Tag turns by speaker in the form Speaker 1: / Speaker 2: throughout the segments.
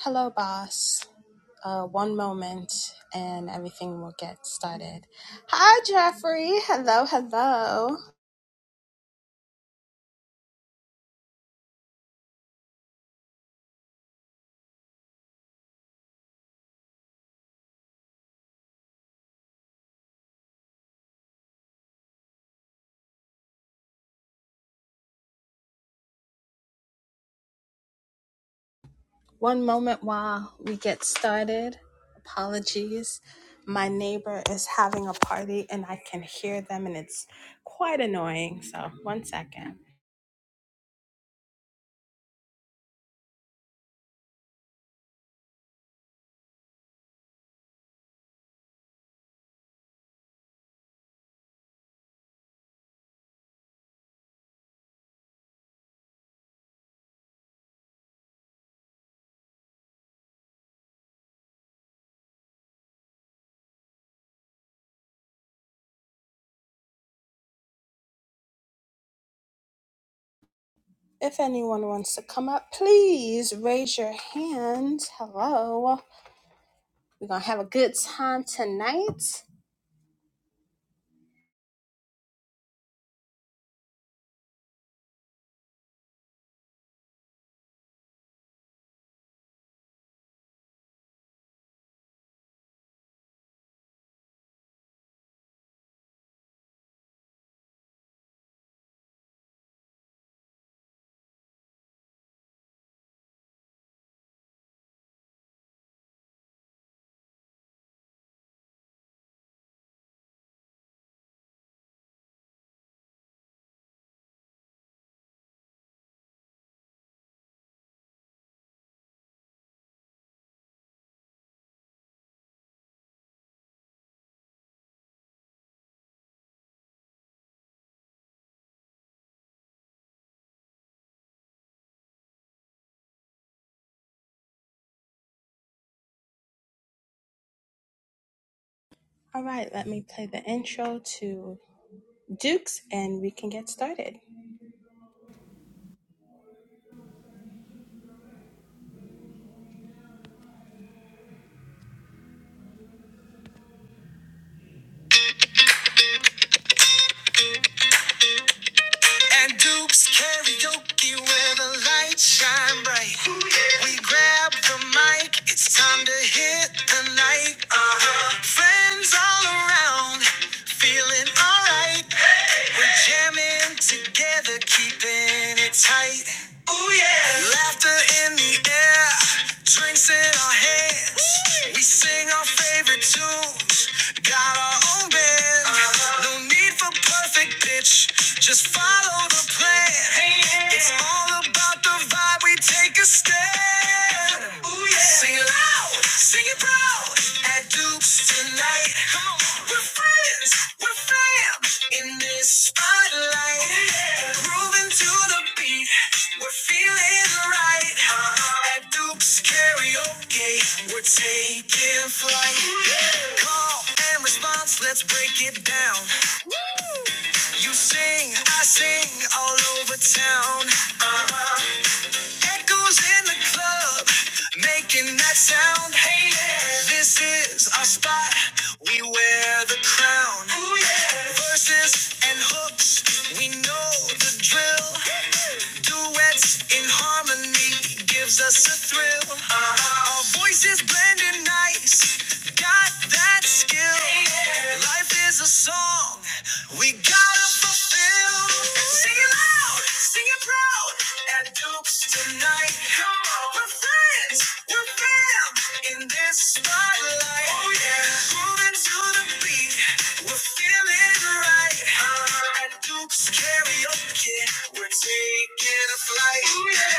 Speaker 1: Hello, boss. Uh, one moment and everything will get started. Hi, Jeffrey. Hello, hello. One moment while we get started. Apologies. My neighbor is having a party and I can hear them, and it's quite annoying. So, one second. If anyone wants to come up, please raise your hand. Hello. We're going to have a good time tonight. All right, let me play the intro to Dukes, and we can get started. And Dukes karaoke where the lights shine bright. We grab the mic, it's time to hit the night. Uh-huh. Friends all around, feeling alright. We're jamming together, keeping it tight. Ooh yeah! Laughter in the air, drinks in our hands. Woo! We sing our favorite tunes, got our own band. Uh-huh. No need for perfect pitch, just follow the plan. Hey, yeah. It's all about the vibe. We take a stand. Sing it loud, sing it proud. At Duke's tonight, we're friends, we're fam. In this spotlight, yeah. grooving to the beat, we're feeling right. Uh-huh. At Duke's we're taking flight. yeah. Call and response, let's break it down. You sing, I sing, all over town. Uh-huh. Echoes in the club, making that sound. Hey, yeah. this is our spot. We wear the crown. Ooh, yeah. Verses and hooks, we know the drill. Duets in harmony gives us a thrill. Uh-huh. Our voices blending nice, got that skill. Hey, yeah. Life is a song we gotta fulfill. Sing it loud, sing it proud at Duke's tonight. Come on, we're friends, we're fam in this spotlight. Oh yeah, moving to the beat, we're feeling right. Uh, at Duke's karaoke, we're taking a flight. Oh yeah.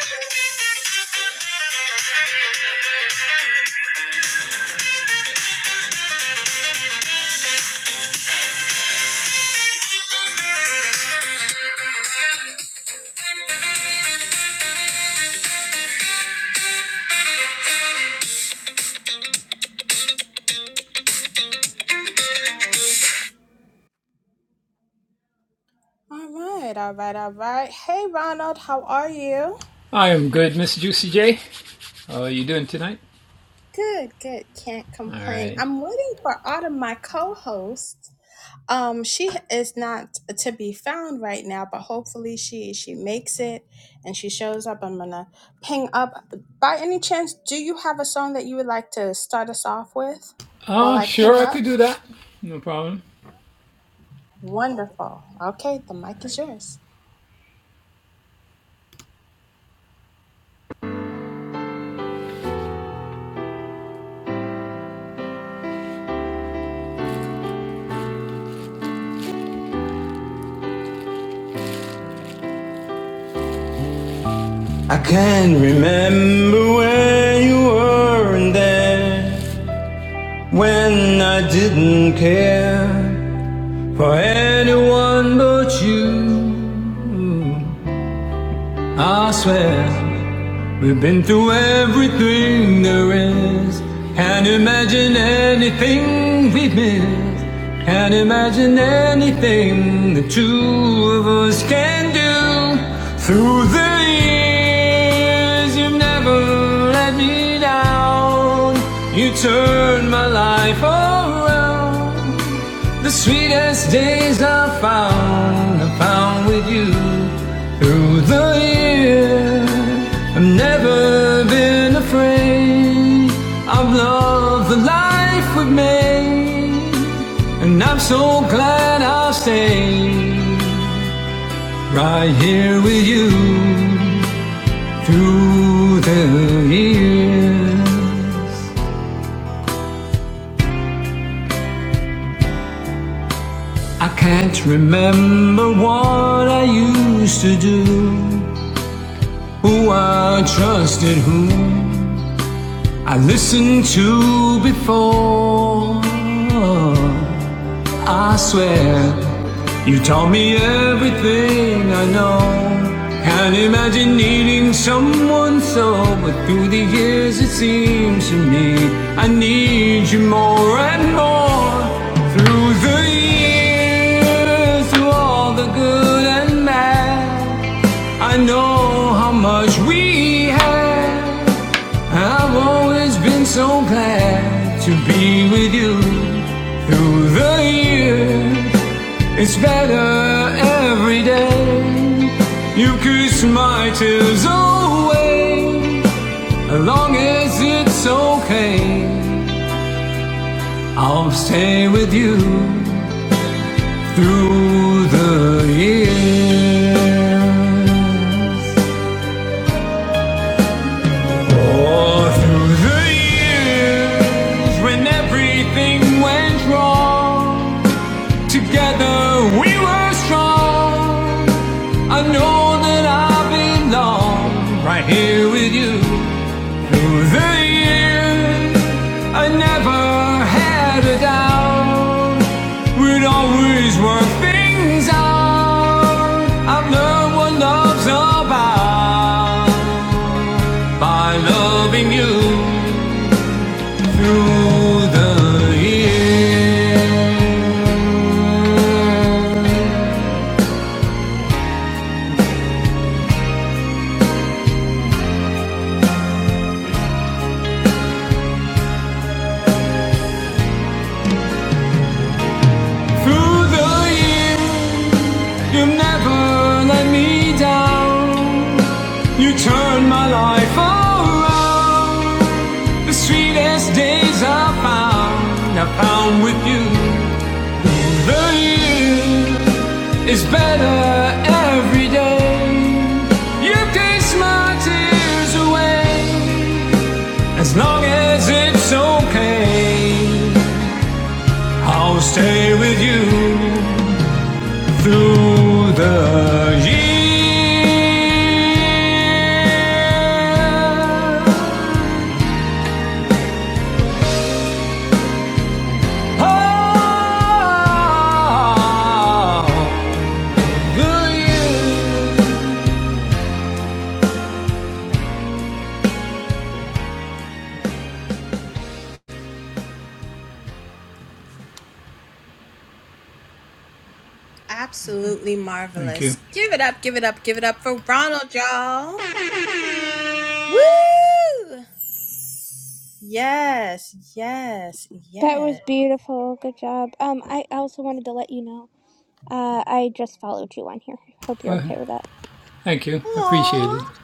Speaker 1: All right, all right, all right. Hey, Ronald, how are you? Good, good. Can't complain. I'm waiting for Autumn, my co-host. Um, she is not to be found right now, but hopefully she she makes it and she shows up. I'm gonna ping up. By any chance, do you have a song that you would like to start us off with while I ping up? Wonderful. Okay, the mic is yours.
Speaker 2: I can not remember where you weren't there when I didn't care for anyone but you. I swear. We've been through everything there is. Can't imagine anything we've missed. Can't imagine anything the two of us can do. Through the years, you've never let me down. You turned my life around. The sweetest days I found, I found with you through the years. I've never been afraid. I've loved the life we've made, and I'm so glad I'll stay right here with you through the years. I can't remember what I used to do. Who I trusted, whom I listened to before. I swear. You taught me everything I know. Can't imagine needing someone so, but through the years it seems to me I need you more and more. Through the years, through all the good and bad, I know how much we had. I've always been so glad to be with you through the years. It's better every day. You kiss my tears away. As long as it's okay, I'll stay with you through the years. Or through the years when everything went wrong. Together we were strong. I know that I belong right here with you. Through the years, I never had a doubt. We'd always work things out. I've learned what love's about by loving you. Through the years. Through the years, you've never let me down. You turned my life around. The sweetest days I found, I found with you. The year is better every day. You kiss my tears away. As long as it's okay, I'll stay with you. Through the years, all the years.
Speaker 1: Absolutely marvelous. Give it up, give it up, give it up for Ronald, y'all. Woo! Yes, yes,
Speaker 3: That was
Speaker 1: yes.
Speaker 3: beautiful. Good job. Um, I also wanted to let you know. Uh, I just followed you on here. Hope you're okay with that.
Speaker 1: Aww.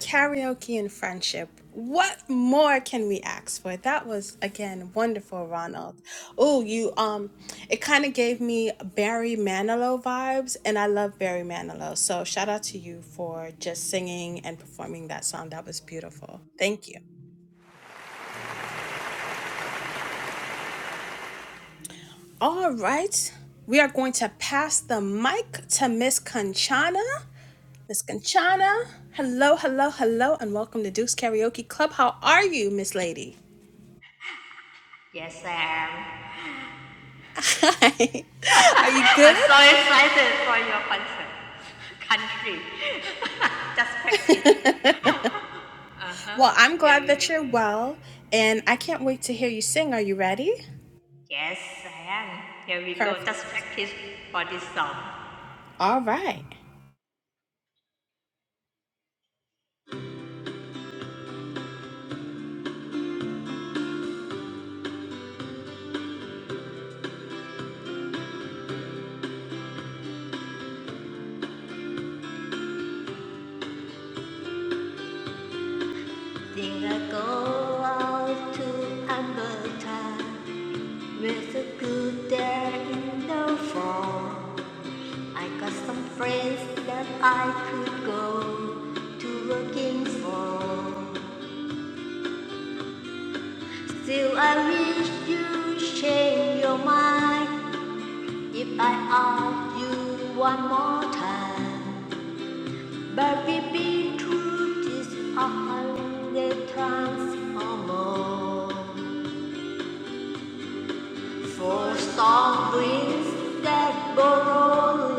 Speaker 1: Karaoke and friendship. What more can we ask for? That was again wonderful, Ronald. Oh, you um it kind of gave me Barry Manilow vibes and I love Barry Manilow. So shout out to you for just singing and performing that song. That was beautiful. Thank you. All right. We are going to pass the mic to Miss Conchana. Miss Conchana, hello, hello, hello, and welcome to Duke's Karaoke Club. How are you, Miss Lady?
Speaker 4: Yes, I am.
Speaker 1: Hi. Are you
Speaker 4: I'm
Speaker 1: good?
Speaker 4: so excited for your concert. Country. Just practice.
Speaker 1: Well, I'm
Speaker 4: Here
Speaker 1: glad that
Speaker 4: we-
Speaker 1: you're well, and I can't wait to hear you sing. Are you ready?
Speaker 4: Yes, I am. Here we go. Just
Speaker 1: Perfect.
Speaker 4: practice for this song.
Speaker 1: All right.
Speaker 4: Think I go out to Alberta with a good day in the fall. I got some friends that I could go to looking for. Still, I wish you change your mind. If I ask you one more time, baby, truth is a hundred times or more. Four storm winds that blow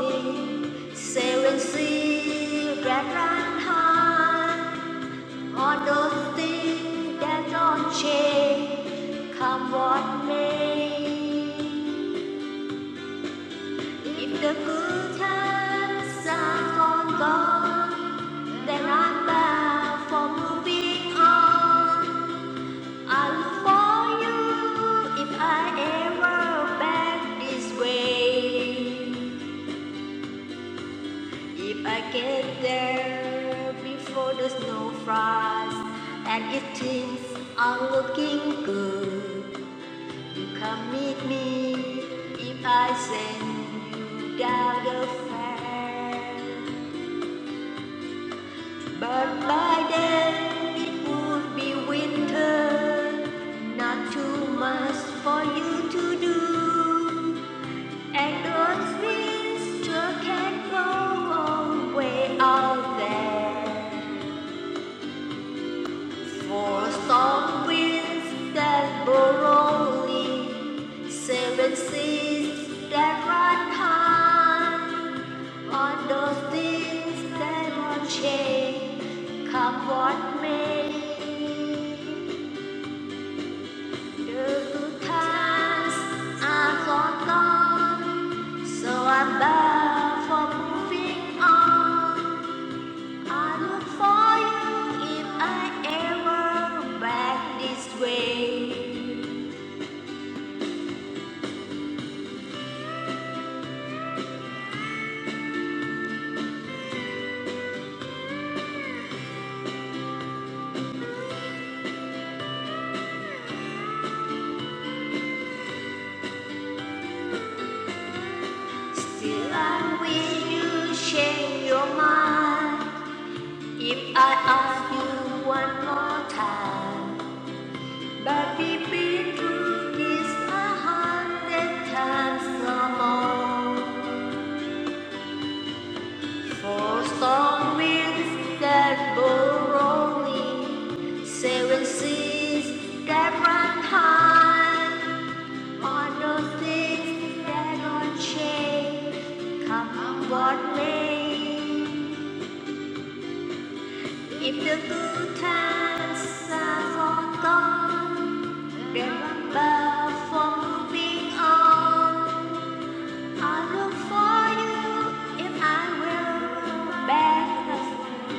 Speaker 4: rolling, seven seas that run high, all those things that don't change, come what may. If the good times are gone, gone, then I'm bound for moving on. I look for you if I ever back this way. If I get there before the snow frost and it things are looking good, you come meet me if I send you down the fair. But by then it would be winter, not too much for you to do. And Earth winds still can blow away out there. For storm winds that blow rolling, seven seas that run high. All those things that won't change, come what may. The good times are long gone, so I'm bound for moving on. I look for you if I ever back this way. Still, I wish you change your mind if I ask you one more time. But we've been through this a hundred times or more. Four strong winds that blow rolling, seven seas that run high. All those things that don't change, come what may. If the good times are forgone, then I'm for moving on. I look for you if I will back.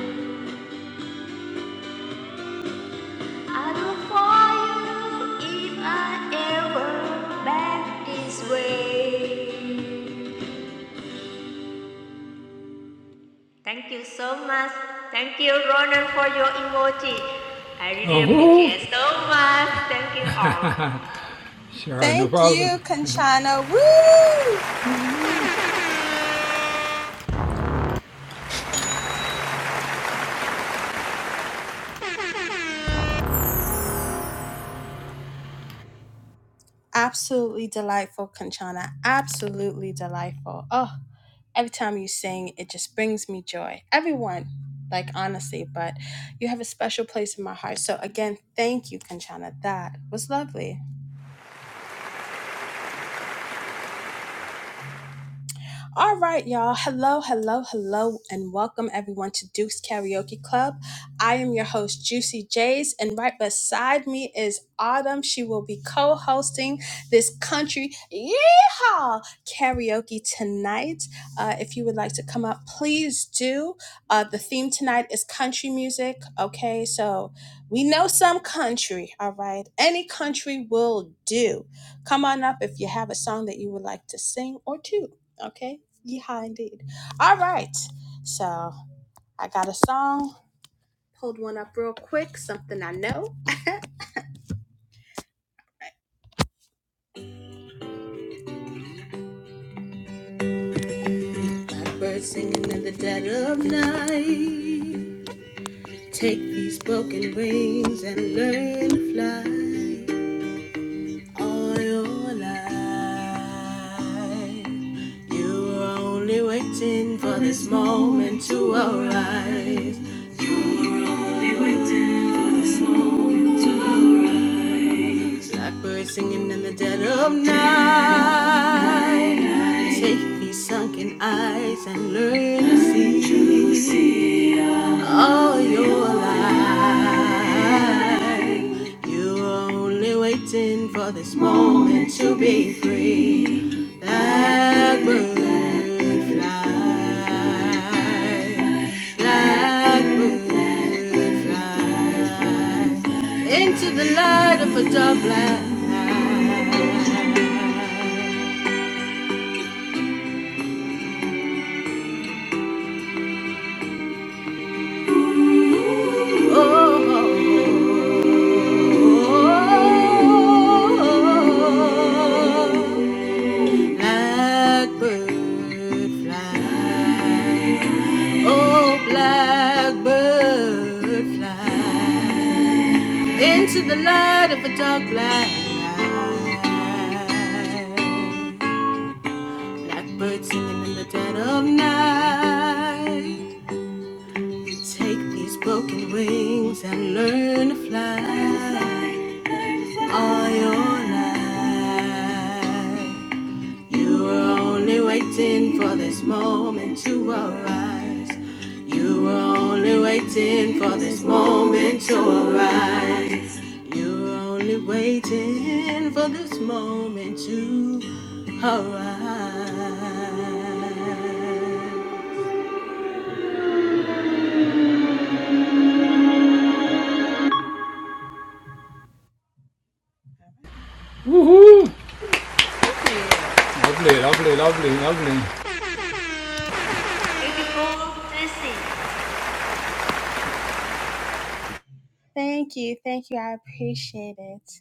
Speaker 4: I look for you if I ever back this way. Thank you so much. Thank you, Ronan, for your emoji. I really appreciate so much. Thank you all.
Speaker 1: Thank you, Conchana. Woo! Absolutely delightful, Conchana. Absolutely delightful. Oh, every time you sing, it just brings me joy. Everyone, like honestly, but you have a special place in my heart. So, again, thank you, Conchana. That was lovely. All right, y'all. Hello, hello, hello, and welcome everyone to Duke's Karaoke Club. I am your host, Juicy J's, and right beside me is Autumn. She will be co hosting this country yeehaw karaoke tonight. Uh, if you would like to come up, please do. Uh, the theme tonight is country music. Okay, so we know some country, all right? Any country will do. Come on up if you have a song that you would like to sing or two. Okay. Yeah, indeed. All right. So I got a song. Pulled one up real quick, something I know. Blackbird singing in the dead of night. Take these broken wings and learn to fly. All your life, you were only waiting for this moment to arise. Blackbird singing in the dead of night. Take these sunken eyes and learn to see all your life. You're only waiting for this moment to be free. Blackbird fly, blackbird fly into the light of a double light. Oh, oh, oh, oh, blackbird fly. Oh, blackbird fly into the light of a dark black night. Blackbird singing in the dead of night. You Take these broken wings and learn to fly all your life. You were only waiting for this moment to arise. You were only waiting for this moment to arise. You were only waiting for this moment to arise. Thank you.
Speaker 4: Beautiful, Tracy.
Speaker 1: Thank you. Thank you. I appreciate it.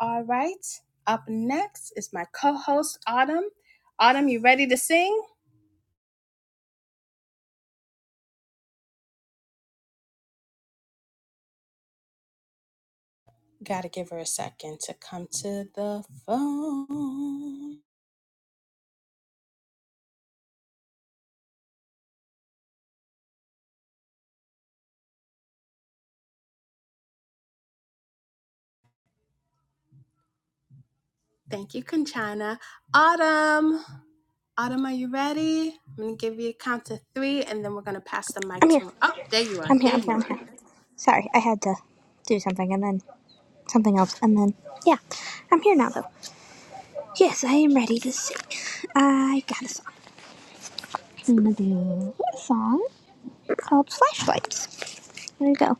Speaker 1: All right. Up next is my co host, Autumn. Autumn, you ready to sing? Gotta give her a second to come to the phone. Thank you, Conchina. Autumn. Autumn, are you ready? I'm gonna give you a count to three and then we're gonna pass the mic
Speaker 3: I'm here.
Speaker 1: to Oh, there you are.
Speaker 3: I'm here.
Speaker 1: There
Speaker 3: I'm
Speaker 1: you
Speaker 3: here. I'm
Speaker 1: are.
Speaker 3: here. Sorry, I had to do something and then something else and then yeah, I'm here now though. Yes, I am ready to sing. I got a song. I'm gonna do a song called Flashlights. There you go.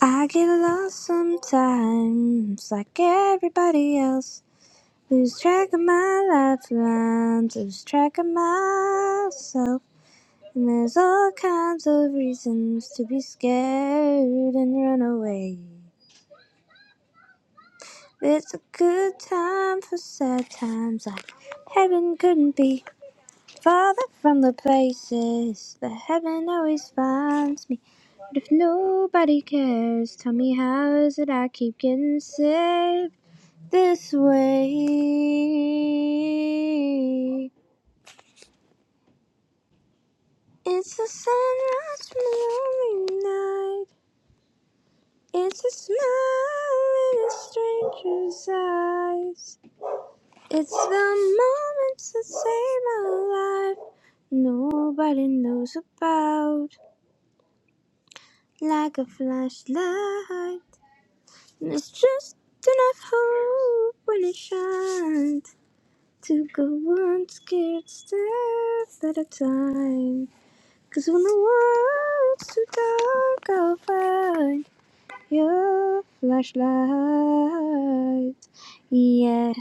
Speaker 3: I get lost sometimes, like everybody else. Lose track of my lifelines, lose track of myself. And there's all kinds of reasons to be scared and run away. It's a good time for sad times, like heaven couldn't be farther from the places that heaven always finds me. But if nobody cares, tell me how is it I keep getting saved this way? It's a sunrise from a lonely night. It's a smile in a stranger's eyes. It's the moments that save my life. Nobody knows about. Like a flashlight. it's just enough hope when it shines. To go one scared step at a time. Cause when the world's too dark, I'll find. Your flashlight. Yeah.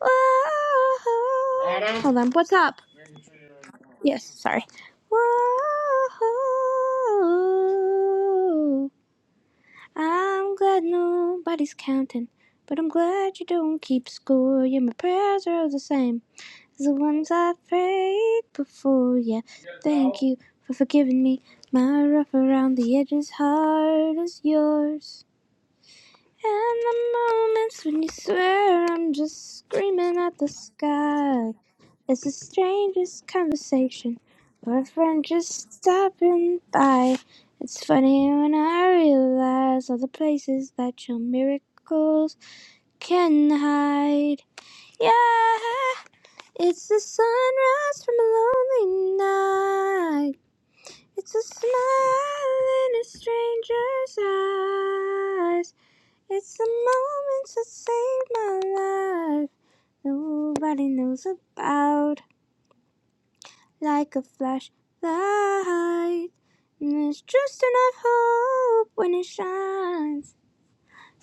Speaker 3: Whoa. Hold on. What's up? Yes. Sorry. Whoa. I'm glad nobody's counting, but I'm glad you don't keep score. Yeah, my prayers are all the same as the ones I prayed before. Yeah. Thank you for forgiving me. My rough around the edges heart is yours. And the moments when you swear I'm just screaming at the sky. It's the strangest conversation or a friend just stopping by. It's funny when I realize all the places that your miracles can hide. Yeah, it's the sunrise from a lonely night. It's a smile in a stranger's eyes. It's the moments that save my life. Nobody knows about like a flashlight. And there's just enough hope when it shines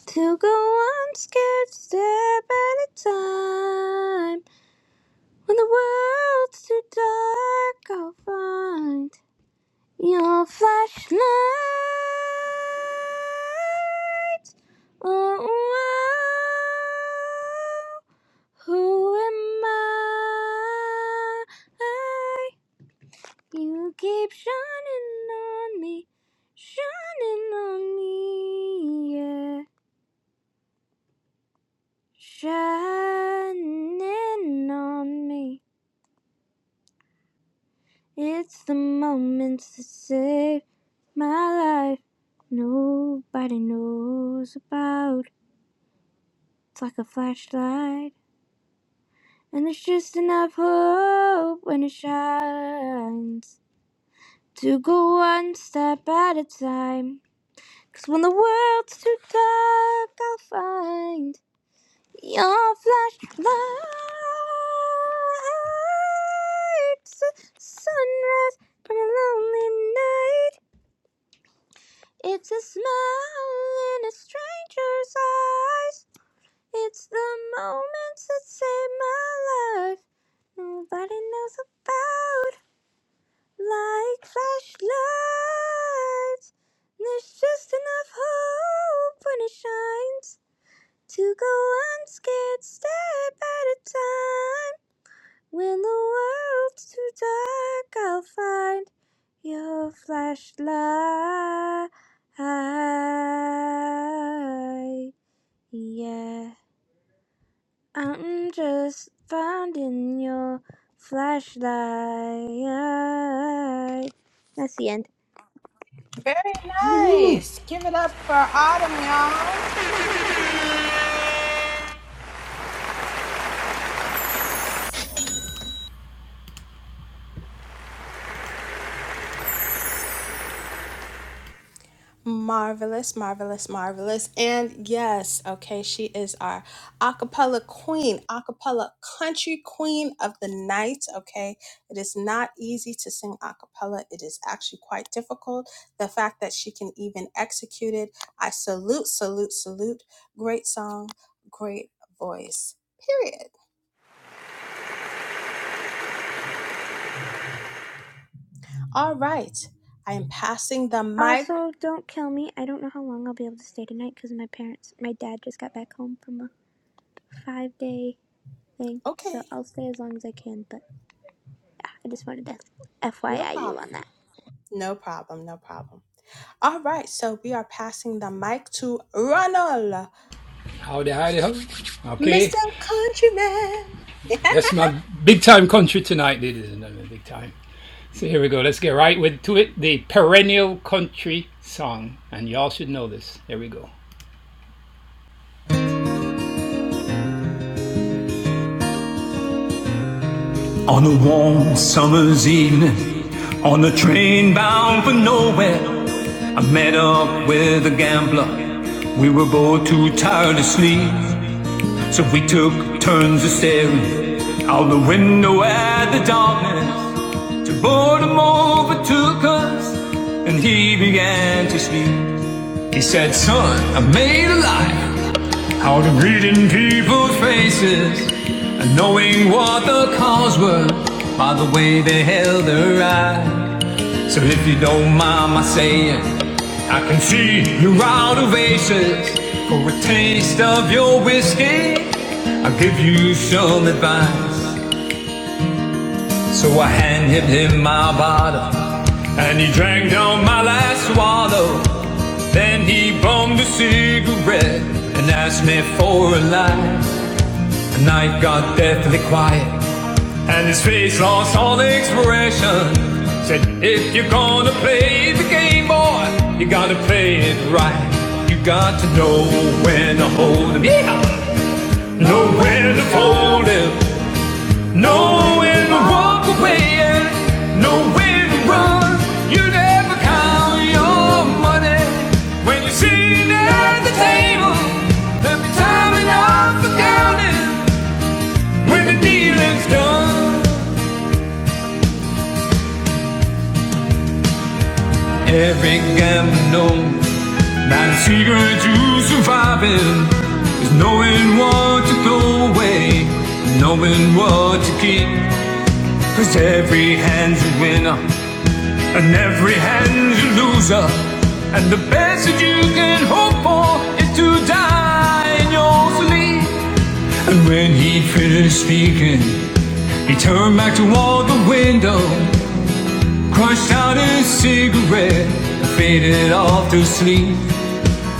Speaker 3: to go on scared step at a time. When the world's too dark, I'll find your flashlight. Oh, oh, Who am I? You keep shining on me, shining on me, yeah, shining on me. It's the moments that save my life. Nobody knows about. It's like a flashlight, and there's just enough hope when it shines. to go one step at a time, 'cause when the world's too dark, I'll find your flashlight. It's a sunrise, but a lonely night. It's a smile in a stranger's eyes. It's the moments that save my life. Nobody knows about. Like flashlights, there's just enough hope when it shines to go unscared step at a time. When the world's too dark, I'll find your flashlight. Yeah, I'm just finding your flashlight. That's the end.
Speaker 1: Very nice. Give it up for Autumn, y'all. Marvelous, marvelous, marvelous. And yes, okay, she is our acapella queen, acapella country queen of the night. Okay, it is not easy to sing acapella, it is actually quite difficult. The fact that she can even execute it, I salute, salute, salute. Great song, great voice, period. All right, I am passing the mic.
Speaker 3: Also, don't kill me. I don't know how long I'll be able to stay tonight because my parents, my dad just got back home from a five day thing. So
Speaker 1: Okay,
Speaker 3: I'll stay as long as I can, but I just wanted to
Speaker 1: no
Speaker 3: FYI you
Speaker 1: problem,
Speaker 3: on that.
Speaker 1: no problem, no problem. All right, so we are passing the mic to Ronald, Mr. Countryman.
Speaker 2: On a warm summer's evening, on a train bound for nowhere, I met up with a gambler. We were both too tired to sleep, so we took turns of staring out the window at the darkness. To boredom overtook us, and he began to speak. He said, Son, I made a life out of reading people's faces and knowing what the cause were by the way they held their eyes. So if you don't mind my saying, I can see you're out of aces for a taste of your whiskey. I'll give you some advice. So I handed him my bottle, and he drank down my last swallow. Then he bummed a cigarette and asked me for a light. And I got deathly quiet, and his face lost all expression. Said, If you're gonna play the game, boy, you gotta play it right. You got to know when to hold him, yeah, know when to fold him. Know when to walk away and know when to run. You never count your money when you're sitting at the table. There'll be time enough for counting when the dealing's done. Every gambler knows that the secret to surviving is knowing what to throw away, knowing what to keep. Cause every hand's a winner. And every hand's a loser. And the best that you can hope for is to die in your sleep. And when he finished speaking, he turned back toward the window, crushed out his cigarette, and faded off to sleep.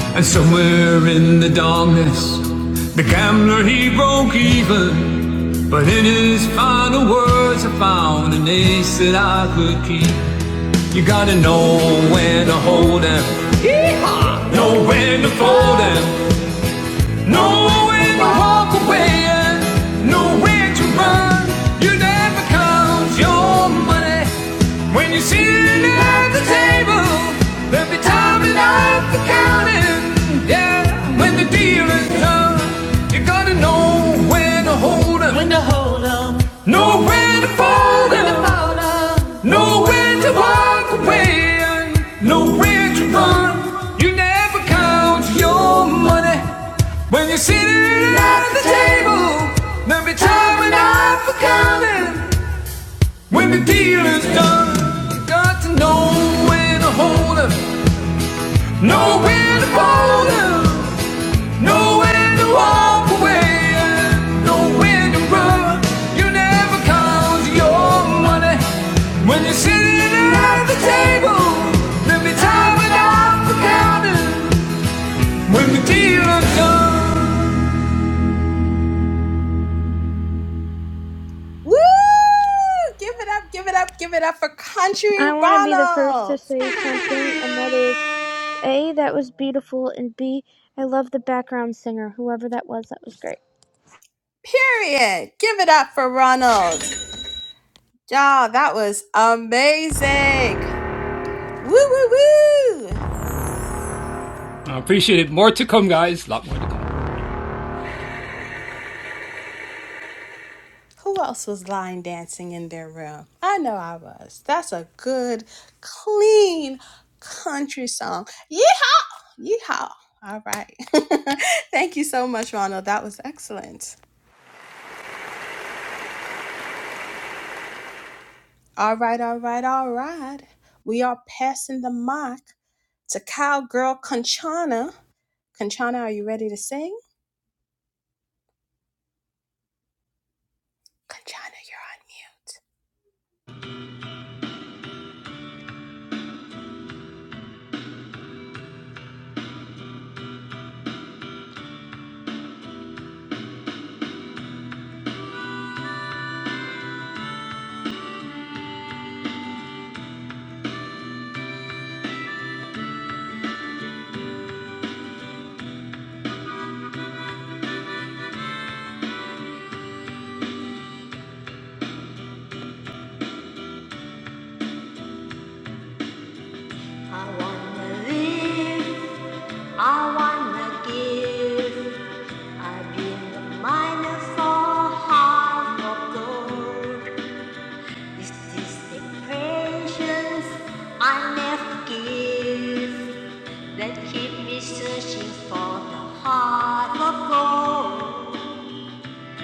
Speaker 2: And somewhere in the darkness, the gambler he broke even. But in his final words, I found an ace that I could keep. You gotta know when to hold 'em, Yeehaw! know when to fold 'em, know when to walk away, and know when to run. You never count your money when you're sitting at the table. There'll be time enough for counting, yeah, when the deal is done. You gotta know when to hold 'em, know when to fold 'em. Nowhere to walk away, nowhere to run. You never count your money when you're sitting out at the table. There'll be time enough for counting when the deal is done. You got to know when to hold 'em, know when to fold 'em. Know when to walk away, know when to run. You never count your money when you're sitting at the table. There'll be time enough for counting when the deal is done.
Speaker 1: Woo! Give it up, give it up, give it up for Country
Speaker 3: I want to be the first to
Speaker 1: Ronald.
Speaker 3: say something, and that is A, that was beautiful, and B, I love the background singer. Whoever that was, that was great.
Speaker 1: Period. Give it up for Ronald. Y'all, that was amazing. Woo, woo, woo. Who else was line dancing in their room? I know I was. That's a good, clean country song. Yeehaw! Yeehaw! All right. Thank you so much, Ronald. That was excellent. All right, all right, all right. We are passing the mic to cowgirl Conchana. Conchana, are you ready to sing? Conchana, you're on mute.
Speaker 4: I wanna live. I wanna give. I've been a miner for half of gold. This is this the patience I never give that keep me searching for the heart of gold.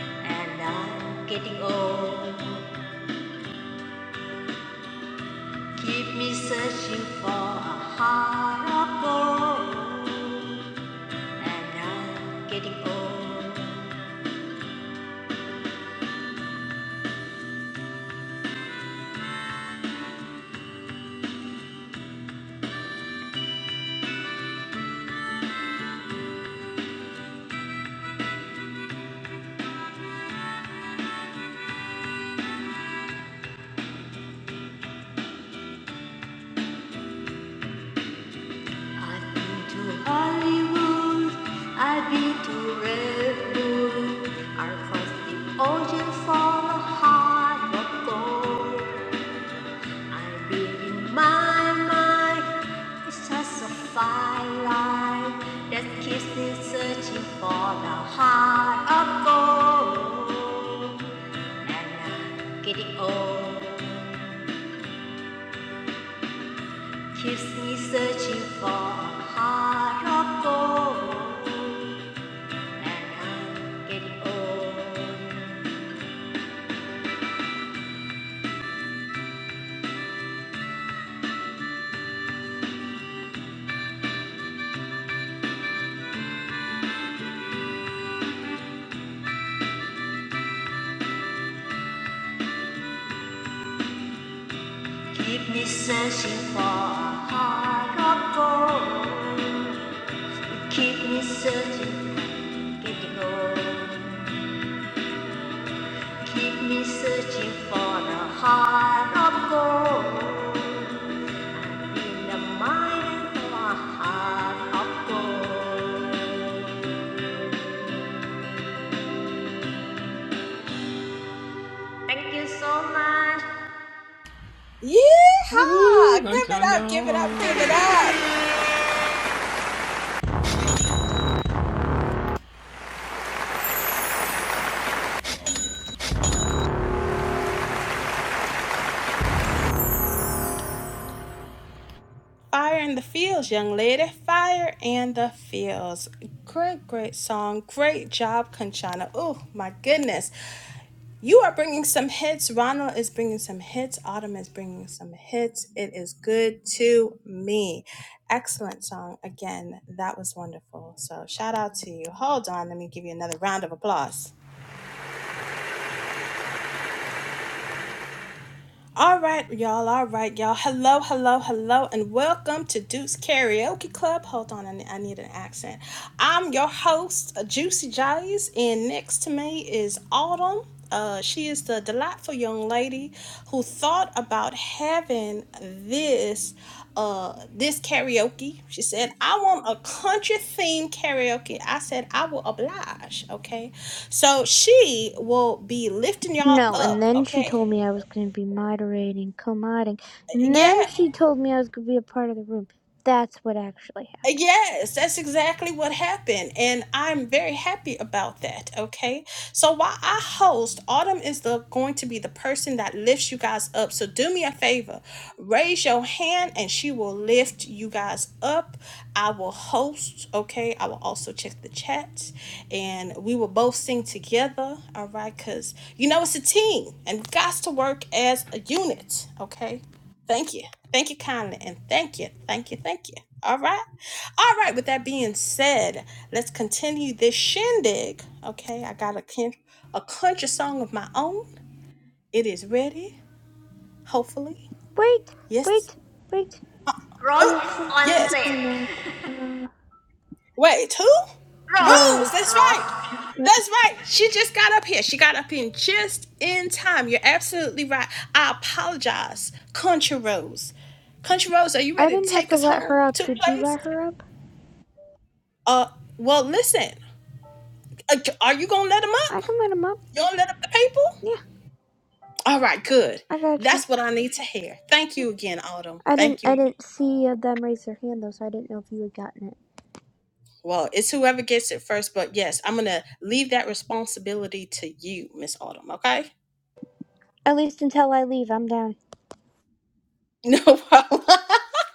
Speaker 4: And I'm getting old. Keep me searching for a heart of gold. And I'm getting old. I've been to Hollywood, I've been to Redwood, first deep ocean for the heart of gold. I've been in my mind, it's just a firelight that keeps me searching for the heart of gold. And I'm getting old, keeps me searching for a heart of gold. and I'm getting old. Keep me searching for a heart of gold. Keep me searching, getting old. Keep me searching for a heart of gold. In the mind of a heart of gold. Thank you so much.
Speaker 1: Yeehaw! Give it up, give it up, give it up. Fire in the Fields, young lady. Fire in the Fields. Great, great song. Great job, Conchana. Oh, my goodness. You are bringing some hits. Ronald is bringing some hits. Autumn is bringing some hits. It is good to me. Excellent song. Again, that was wonderful. So shout out to you. Hold on. Let me give you another round of applause. All right, y'all. All right, y'all. Hello, hello, hello, and welcome to Duke's Karaoke Club. Hold on, I need, I need an accent. I'm your host, Juicy J's, and next to me is Autumn. Uh, she is the delightful young lady who thought about having this uh this karaoke. She said, I want a country themed karaoke. I said, I will oblige. Okay. So she will be lifting y'all
Speaker 3: No, and
Speaker 1: up.
Speaker 3: then she
Speaker 1: Okay.
Speaker 3: told me I was going to be moderating, co moderating and then
Speaker 1: Yeah.
Speaker 3: she told me I was going to be a part of the room. That's what actually happened.
Speaker 1: Yes, that's exactly what happened. And I'm very happy about that. Okay. So while I host, Autumn is the going to be the person that lifts you guys up. So do me a favor. Raise your hand and she will lift you guys up. I will host. Okay. I will also check the chat and we will both sing together. All right. Cause you know it's a team and we got to work as a unit. Okay. Thank you. Thank you kindly. And thank you. Thank you. Thank you. All right. All right. With that being said, let's continue this shindig. Okay. I got a, kin- a country song of my own. It is ready. Hopefully.
Speaker 3: Wait,
Speaker 1: Yes.
Speaker 3: wait, wait.
Speaker 4: Rose
Speaker 1: Oh,
Speaker 3: There's
Speaker 4: is
Speaker 3: somebody
Speaker 4: on
Speaker 3: up
Speaker 1: yes.
Speaker 3: here now.
Speaker 4: stage.
Speaker 3: Uh,
Speaker 1: Wait, who? Rose.
Speaker 3: Rose.
Speaker 1: That's
Speaker 4: Rose,
Speaker 1: right.
Speaker 4: Rose.
Speaker 3: Yep.
Speaker 1: That's right. She just got up here. She got up in just in time. You're absolutely right. I apologize, Country Rose. Country Rose, are you
Speaker 3: I
Speaker 1: ready to
Speaker 3: didn't have
Speaker 1: take
Speaker 3: to
Speaker 1: us
Speaker 3: let her
Speaker 1: home
Speaker 3: up.
Speaker 1: to the
Speaker 3: Did you
Speaker 1: place?
Speaker 3: let her up?
Speaker 1: Uh, well, listen. Uh, Are you gonna let them
Speaker 3: I
Speaker 1: up?
Speaker 3: can let him up.
Speaker 1: You gonna let up the people?
Speaker 3: Yeah,
Speaker 1: All right, good.
Speaker 3: I got you.
Speaker 1: That's what I need to hear. Thank you again, Autumn.
Speaker 3: I didn't.
Speaker 1: Thank
Speaker 3: I
Speaker 1: you.
Speaker 3: didn't see uh, them raise their hand though, so I didn't know if you had gotten it.
Speaker 1: Well, it's whoever gets it first, but yes, I'm gonna leave that responsibility to you, Miss Autumn. Okay?
Speaker 3: At least until I leave, I'm down.
Speaker 1: No problem.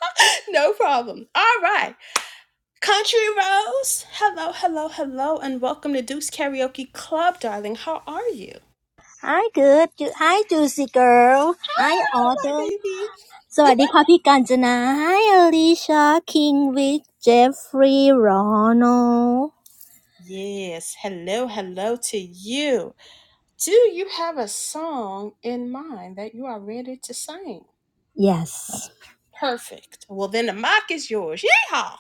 Speaker 1: no problem. All right, Country Rose. Hello, hello, hello, and welcome to Deuce Karaoke Club, darling. How are you?
Speaker 5: Hi, good. Ju- Hi, juicy girl.
Speaker 1: Hi,
Speaker 5: Hi,
Speaker 1: my
Speaker 5: Autumn.
Speaker 1: baby.
Speaker 5: สวัสดีค่ะพี่กาญจนา Hi, Alicia, King, Vic, Jeffrey, Ronald.
Speaker 1: Yes. Hello, hello to you. Do you have a song in mind that you are ready to sing?
Speaker 5: Yes.
Speaker 1: Perfect. Well, then the mic is yours. Yeehaw!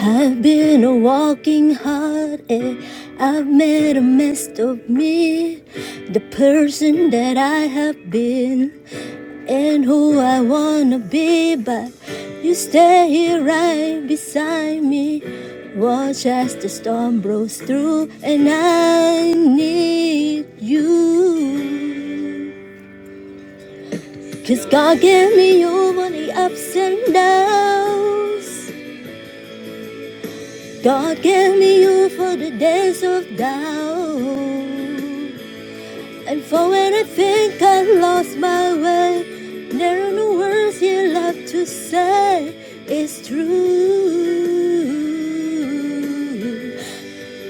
Speaker 5: I've been a walking heartache. I've made a mess of me. The person that I have been. and who I wanna be, but you stay here right beside me. Watch as the storm blows through, and I need you. 'Cause God gave me you for the ups and downs. God gave me you for the days of doubt. And for when I think I lost my way, there are no words you love to say. It's true.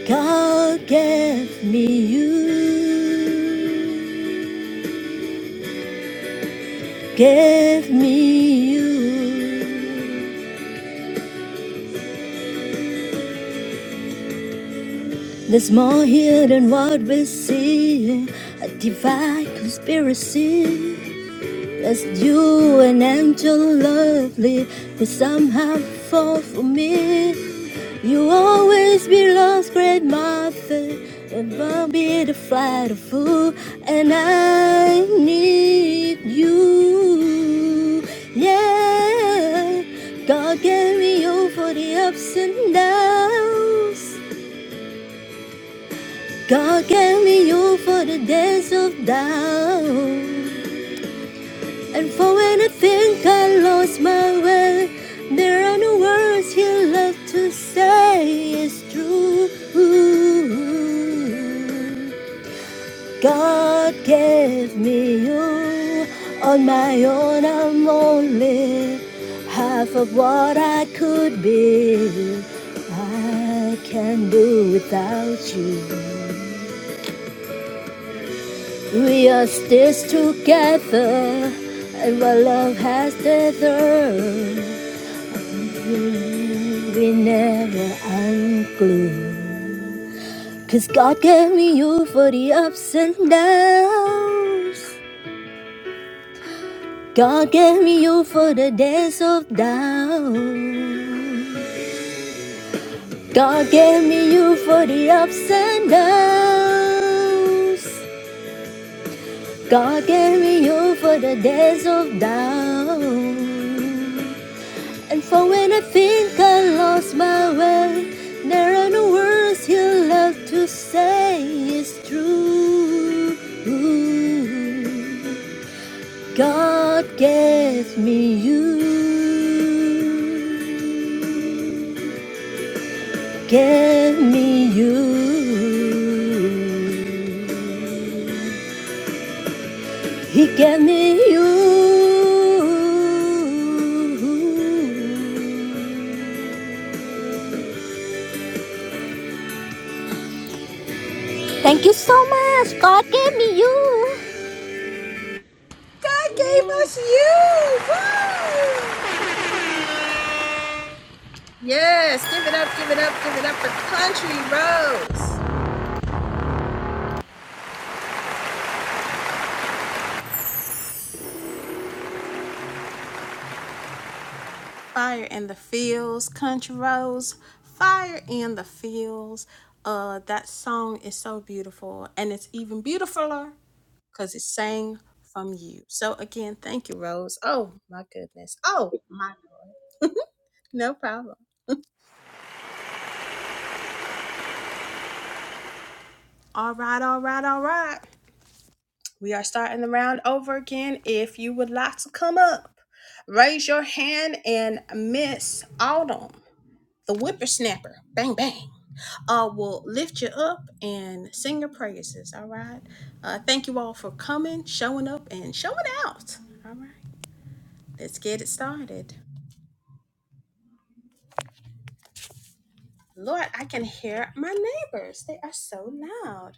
Speaker 5: God gave me you. Gave me you. There's more here than what we see. A divine conspiracy. That's you an angel lovely, but somehow fall for me. You always be lost, great mother, above me the flight of fool, and I need you. Yeah, God gave me you for the ups and downs. God gave me you for the days of doubt. And for when I think I lost my way, there are no words here left to say. It's true. God gave me you. On my own, I'm only half of what I could be. I can not do without you. We are stitched together, and what love has tethered. We never unglued, 'cause God gave me you for the ups and downs. God gave me you for the days of down. God gave me you for the ups and downs. God gave me you for the days of down. And for when I think I lost my way, there are no words he'll love to say. It's true. God gave me you. Gave me you. He gave me you. Thank you so much. God gave me you.
Speaker 1: God gave us you. Woo! Yes, give it up, give it up, give it up for Country Rose. Fire in the fields, country Rose. Fire in the fields. Uh, that song is so beautiful, and it's even beautifuler because it's sang from you. So again, thank you, Rose. Oh my goodness. Oh my. No problem. All right, all right, all right. We are starting the round over again. If you would like to come up, raise your hand and Miss Autumn, the whippersnapper, bang, bang, uh, will lift you up and sing your praises. All right. Uh, thank you all for coming, showing up, and showing out. All right. Let's get it started. Lord, I can hear my neighbors. They are so loud.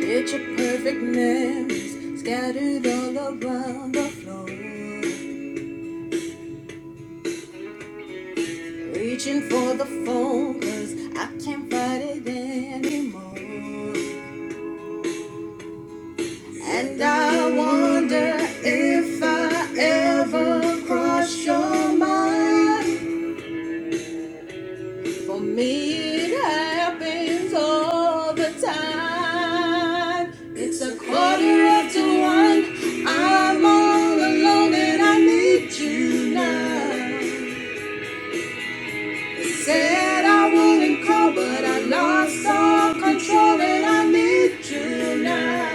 Speaker 1: Picture perfect memories scattered all around the floor. Reaching for the phone, cause I can't fight it anymore. And I wonder if I ever cross your mind. For me, it happens all the time. It's a quarter after one. I'm all alone and I need you now. Said I wouldn't call, but I lost all control and I need you now.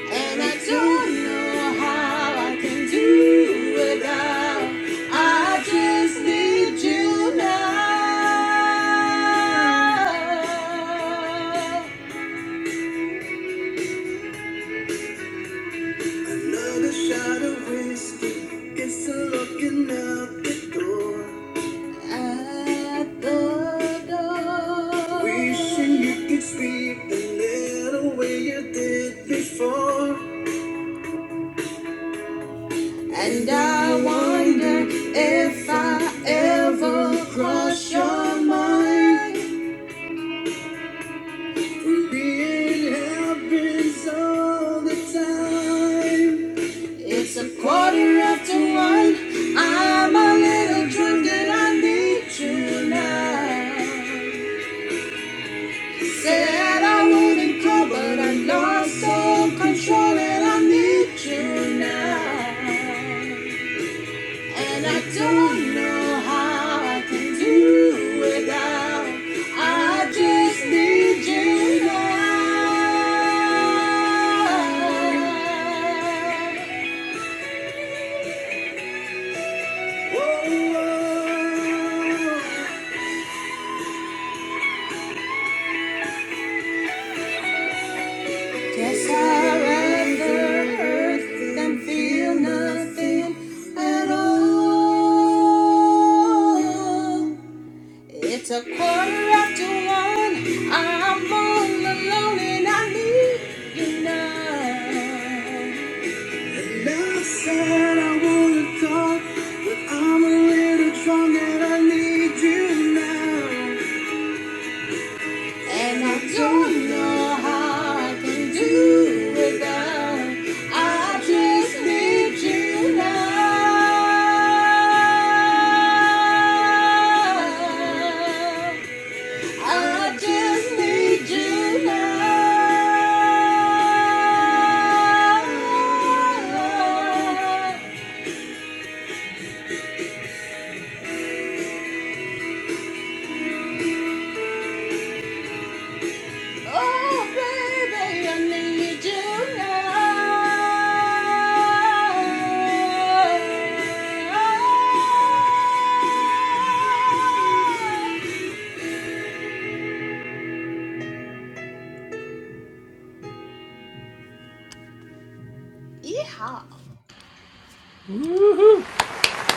Speaker 1: And I don't know how I can do without. I just need you now. Another shot of whiskey, guess I'm looking out the door. at the door. Wishing you could speak the little way you did before. And I wonder if I ever cross your mind. We're Being happens all the time. It's a quarter after one. I'm a little drunk and I need you now. Said I wouldn't call, but I lost all control and I need you now. And I don't know how I can do without. I just need you now. Whoa. Yes, I'd rather hurt than feel nothing at all. Quarter after one, I'm all alone and I need none. Love said I wanna talk, but I'm a little drunk and I need you now. And I don't know how I can do without. I just need you now. I just need you now. Oh,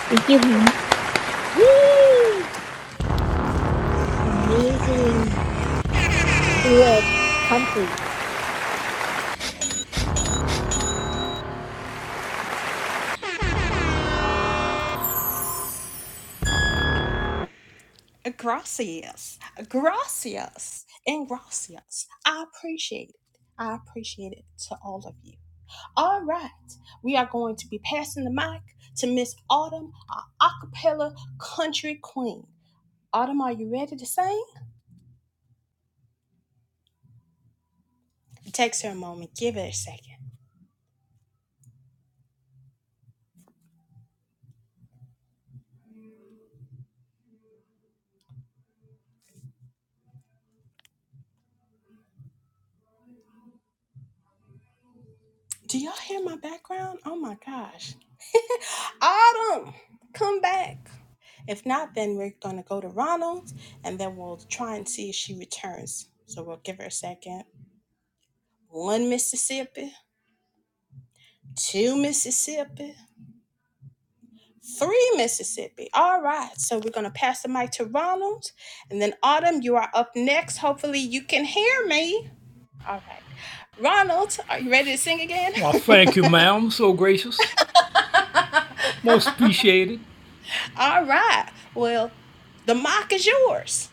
Speaker 5: Thank you, honey. Yay! Amazing. Good country.
Speaker 1: Gracias. Gracias. And gracias. I appreciate it. I appreciate it to all of you. All right, we are going to be passing the mic to Miss Autumn, our acapella country queen. Autumn, are you ready to sing? It Takes her a moment. Give it a second. Do y'all hear my background? Oh my gosh. Autumn, come back. If not, then we're gonna go to Ronald and then we'll try and see if she returns. So we'll give her a second. One Mississippi, two Mississippi, three Mississippi. All right, so we're gonna pass the mic to Ronald and then Autumn, you are up next. Hopefully, you can hear me. All right, Ronald, are you ready to sing again? All right. Well, the mock is yours.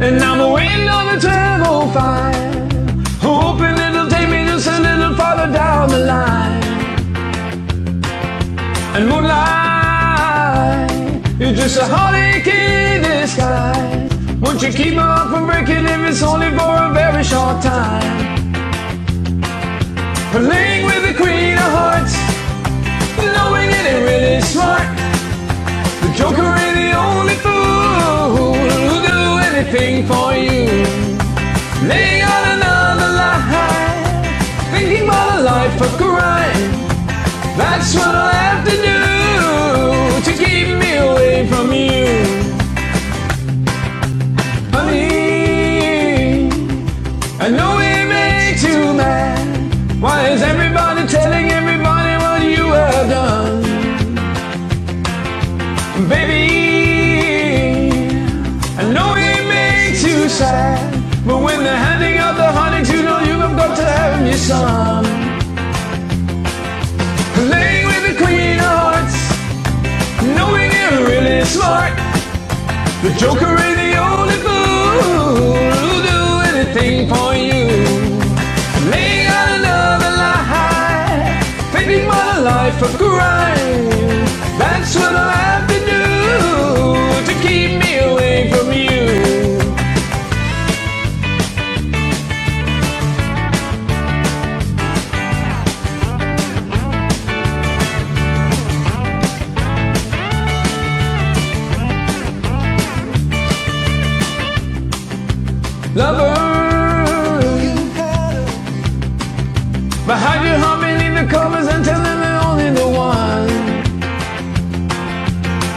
Speaker 2: And I'm a on the tunnel fire, hoping it'll take me just a little farther down the line. And moonlight, you're just a heartache in disguise. Won't you keep on from breaking if it's only for a very short time? Playing with the queen of hearts, knowing it ain't really smart. The joker ain't the only fool who'll do anything for you. Laying on another lie, thinking about a life of crime. That's what I'll have to do to keep me away from you. Honey, I know we makes you mad. Why is everybody telling everybody what you have done? Baby, I know it makes you sad. But when they're handing out the honey, you know you have got to have me some. Playing with the queen of hearts, knowing you're really smart. The joker is the only fool who'll do anything for you. Laying out another lie, making my life a grind. That's what I have to do to keep me away from you, lover. Behind your heart beneath the covers and tell them telling me only the one,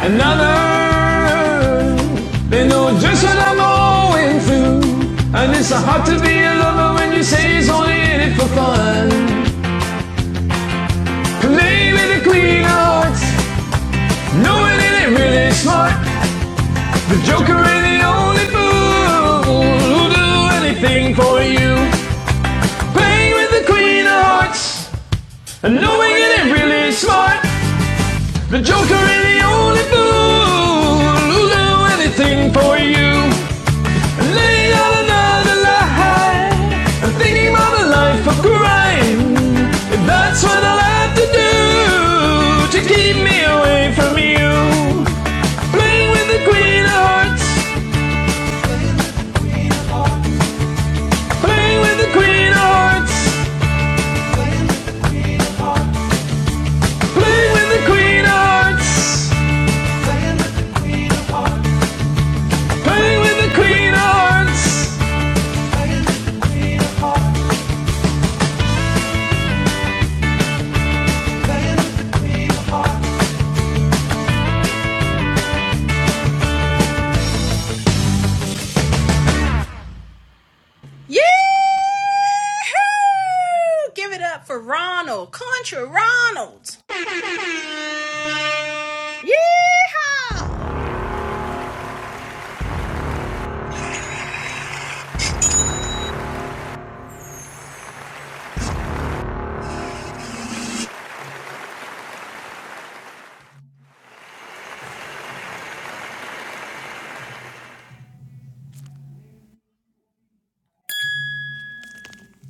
Speaker 2: another. They know just what I'm going through, and it's so hard to be a lover when you say it's only in it for fun. Play with the queen of hearts. No one ain't really smart. The Joker ain't the only fool who'll do anything for you. Playing with the Queen of Hearts. And knowing one ain't really smart. The Joker ain't the only fool who'll do anything for you. And laying out another lie. And thinking about a life of crime. If that's what I'll have to do to keep me away from you. Playing with the Queen of Hearts. Playing with the Queen of Hearts. Playing with the Queen of Hearts. Playing with the Queen of Hearts.
Speaker 1: Yeah! Give it up for Ronald, Contra Ronald. Yeehaw!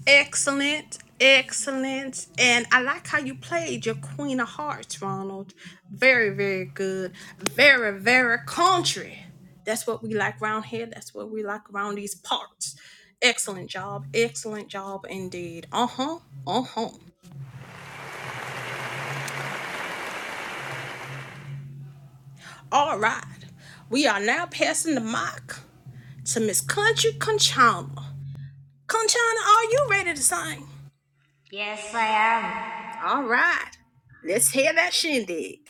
Speaker 1: Excellent, excellent. And I like how you played your Queen of Hearts, Ronald. Very, very good. Very, very country. That's what we like around here. That's what we like around these parts. Excellent job. Excellent job indeed. Uh huh. Uh huh. All right. We are now passing the mic to Miss Country Conchana. Conchana, are you ready to sing?
Speaker 4: Yes, I am.
Speaker 1: All right. Let's hear that shindig.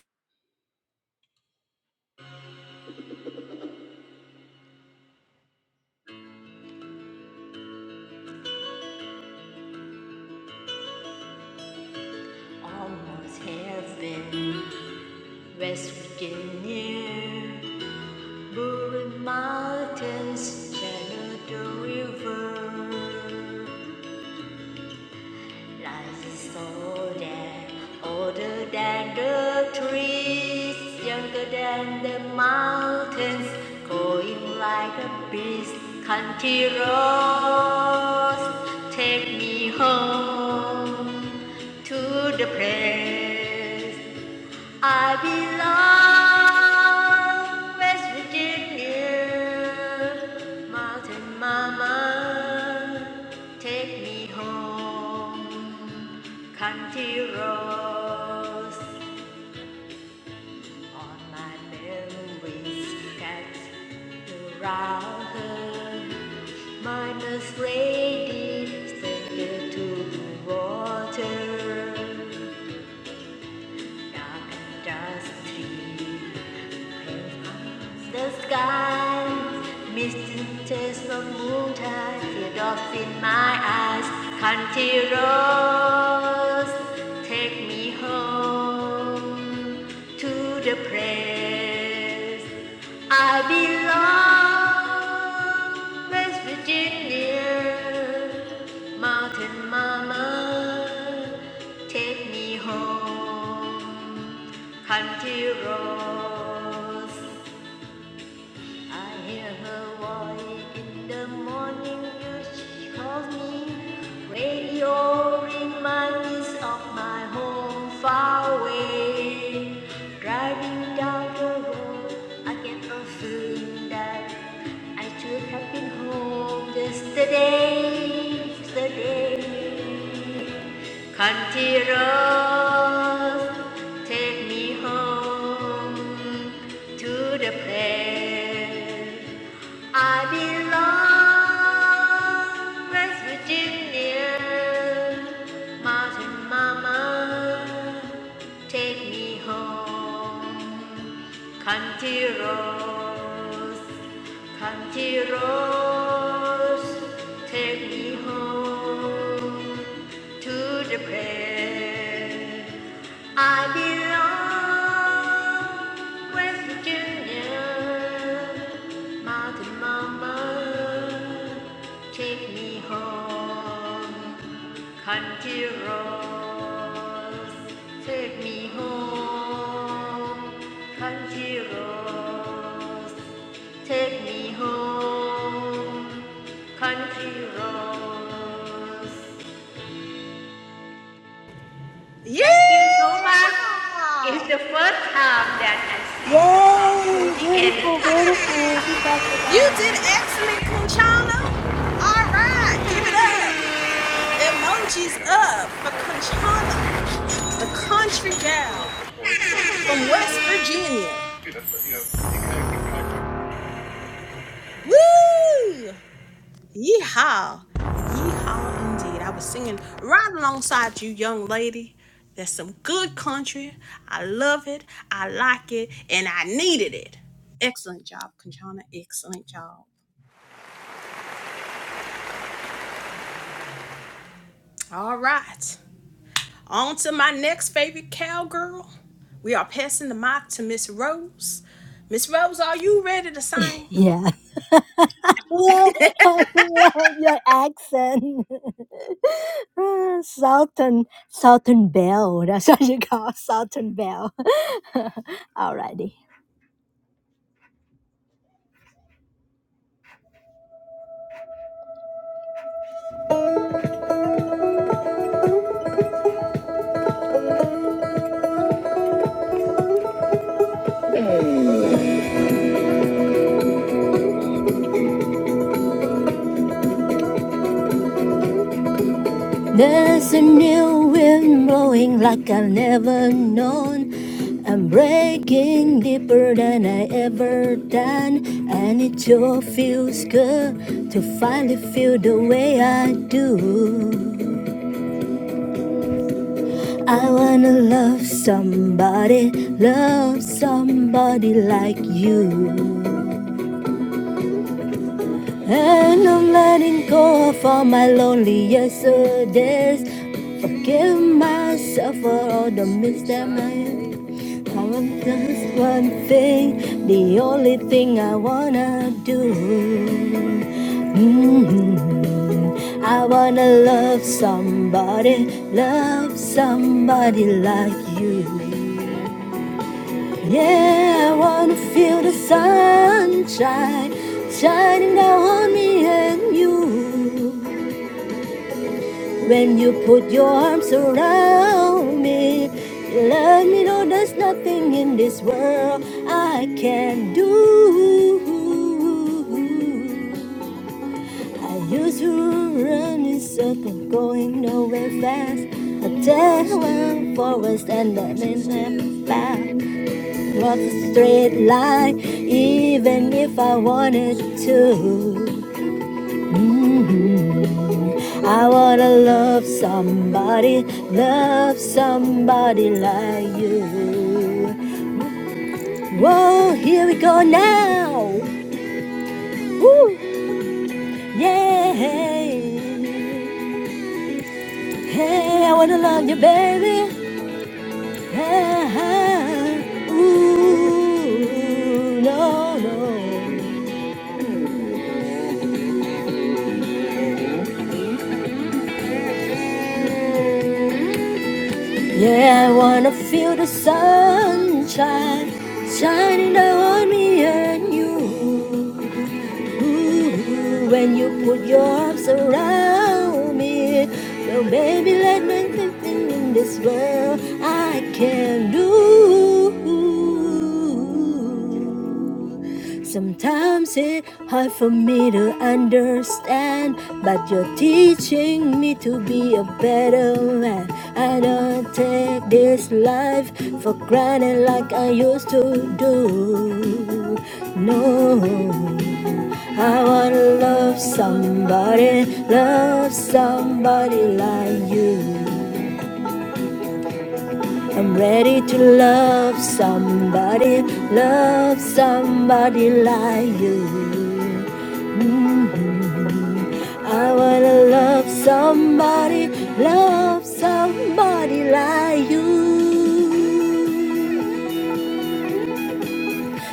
Speaker 4: Almost heaven. West Virginia, Blue Mountains, Shenandoah River. Life is older, older than the trees, younger than the mountains, going like a beast. Country roads, take me home to the place I belong West Virginia, Mountain Mama, take me home. Country roads on my memories that around her. Minus lady standing to the water, dark and dusty, the sky, misty taste of noontide, teardrops in my eyes, country roads, take me home to the place I belong, West Virginia, mountain mama, take me home, country roads. I hear her voice in the morning as she calls me. Radio reminds of my home far away. Driving down the road, I get a feeling that I should have been home yesterday. Yesterday. Country road, take me home to the place I belong, West Virginia, Mountain Mama, take me home. Country roads, Country roads, take me home to the place I belong, West Virginia, Mountain Mama, take me home. Country roads, take me home. Country roads, Take me home, country roads.
Speaker 1: Yeah!
Speaker 4: Thank you so much. It's the first time that I sing the song to
Speaker 5: Yay!
Speaker 4: the
Speaker 5: Beautiful,
Speaker 4: end.
Speaker 5: beautiful. Be back
Speaker 1: You did
Speaker 5: again.
Speaker 1: excellent, Conchana. All right. Give it up. Emojis up for Conchana, the country gal from West Virginia. Woo! Yeehaw. Yeehaw indeed. I was singing right alongside you, young lady. That's some good country. I love it. I like it. And I needed it. Excellent job, Conchana. Excellent job. All right. On to my next favorite cowgirl. We are passing the mic to Miss Rose. Miss Rose, are you ready to sing?
Speaker 5: Yeah. Love, I love your accent. Ah, Southern, Southern Belle. That's what you call Southern Belle. Alrighty. There's a new wind blowing like I've never known. I'm breaking deeper than I ever done. And it sure feels good to finally feel the way I do. I wanna love somebody, love somebody like you. And I'm letting go of all my lonely yesterdays. Forgive myself for all the mistakes I made. I want just one thing, the only thing I wanna do. Mhm. I wanna love somebody, love somebody like you. Yeah, I wanna feel the sunshine shining down on me and you. When you put your arms around me, you let me know there's nothing in this world I can do. I used to run in circles, going nowhere fast. A dead forest and the midnight path. was a straight line, even if I wanted to. Mhm. I wanna love somebody, love somebody like you. Whoa, here we go now. Woo, yeah. Hey, I wanna love you, baby. Ah, ah. Ooh, no, no. Yeah, I wanna feel the sunshine shining down on me and you. Ooh, when you put your arms around me, well, baby, let me nothing in this world I can do. Sometimes it's hard for me to understand, but you're teaching me to be a better man. I don't take this life for granted like I used to do. No, I wanna love somebody, love somebody like you. I'm ready to love somebody, love somebody like you. Mhm. I wanna love somebody, love somebody like you.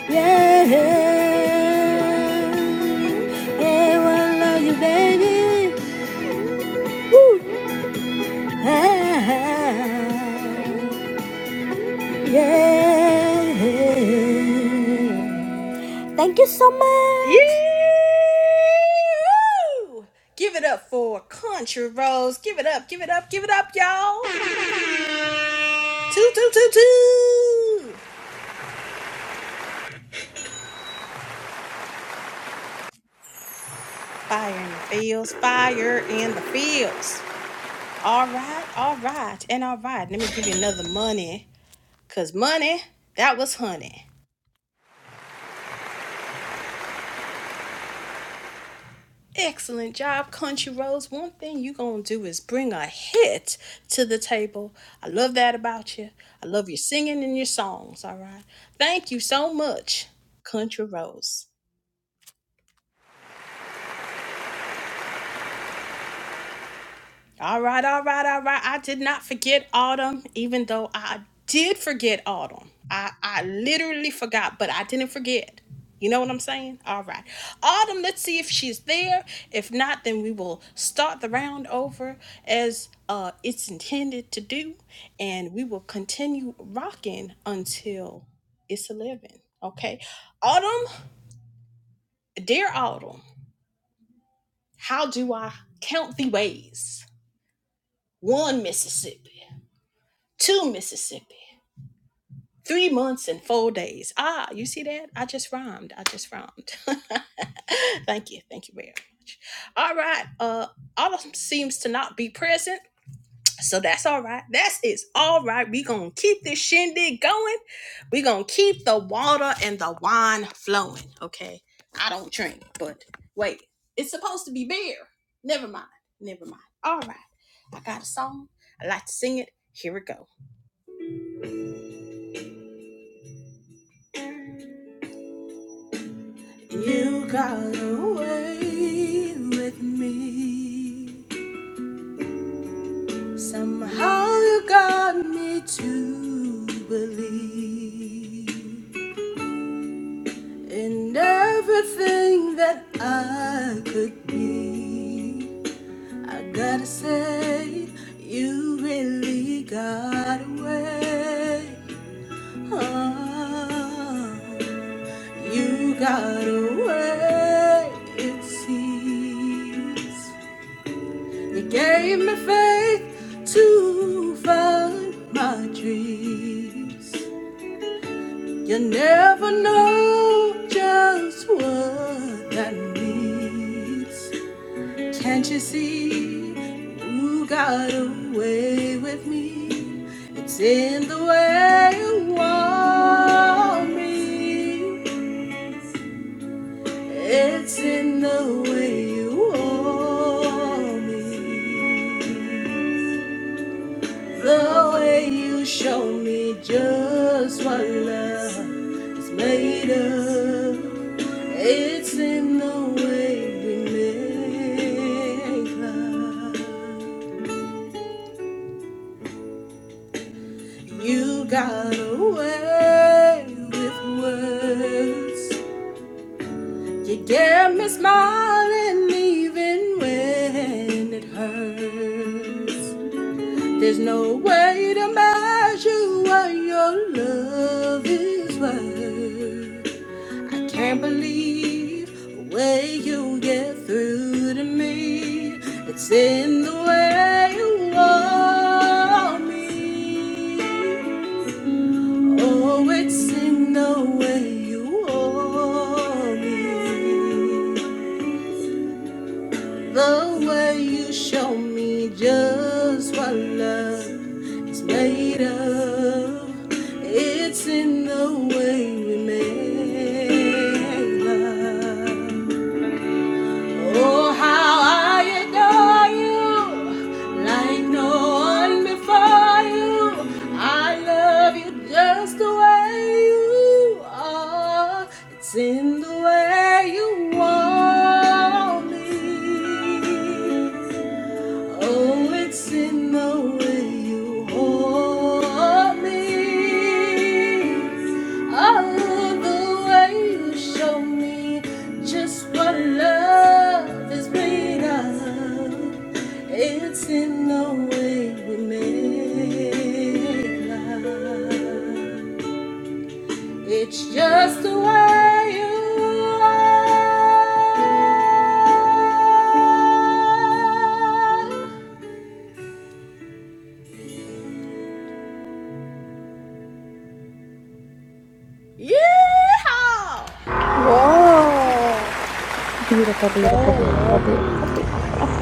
Speaker 5: Yeah, yeah, I love you, baby. Woo. Ah, yeah. Thank you so
Speaker 1: Yeah!
Speaker 5: much.
Speaker 1: Give it up for Country Rose. Give it up, give it up, give it up, y'all. Two, two, two, two. Fire in the fields, fire in the fields. All right, all right, and all right. Let me give you another money, cause money, that was honey. Excellent job, Country Rose. One thing you gonna do is bring a hit to the table. I love that about you. I love your singing and your songs, all right? Thank you so much, Country Rose. All right, all right, all right. I did not forget autumn, even though I did forget autumn. I, I literally forgot, but I didn't forget. You know what I'm saying? All right. Autumn, let's see if she's there. If not, then we will start the round over as uh, it's intended to do. And we will continue rocking until it's 11. Okay. Autumn, dear Autumn, how do I count the ways? One Mississippi. to Mississippi. Three months and four days. Ah, you see that? I just rhymed. I just rhymed. Thank you. Thank you very much. All right. Uh, Autumn seems to not be present. So that's all right. That's it's all right. We gonna keep this shindig going. We gonna keep the water and the wine flowing. Okay. I don't drink, but wait, it's supposed to be beer. Never mind. Never mind. All right. I got a song. I like to sing it. Here it go. You got away with me. Somehow you got me to believe in everything that I could be. I gotta say, you really got away. Oh, you got away, it seems. You gave me faith to find my dreams. You never know just what that means. Can't you see you got away with me? It's in the way you want me. It's in the way you want me. The way you show me just what love is made of, it's in the way we make love. You got away with words. You get me smiling even when it hurts. There's no way to measure what your love is worth. I can't believe the way you get through to me. It's in the way you want me. Oh, it's in the way you want me. The way you show me just what love is made of, it's in the way we make love. Oh, how I adore you, like no one before you. I love you just the way you are. It's in the way you want me. Oh, it's in the way you hold me. I love the way you show me just what love is made of. It's in the way we make love. It's just the way you are. Yeah.
Speaker 5: Whoa,
Speaker 3: Beautiful,
Speaker 5: so
Speaker 3: beautiful, beautiful,
Speaker 5: lovely.
Speaker 3: beautiful, beautiful.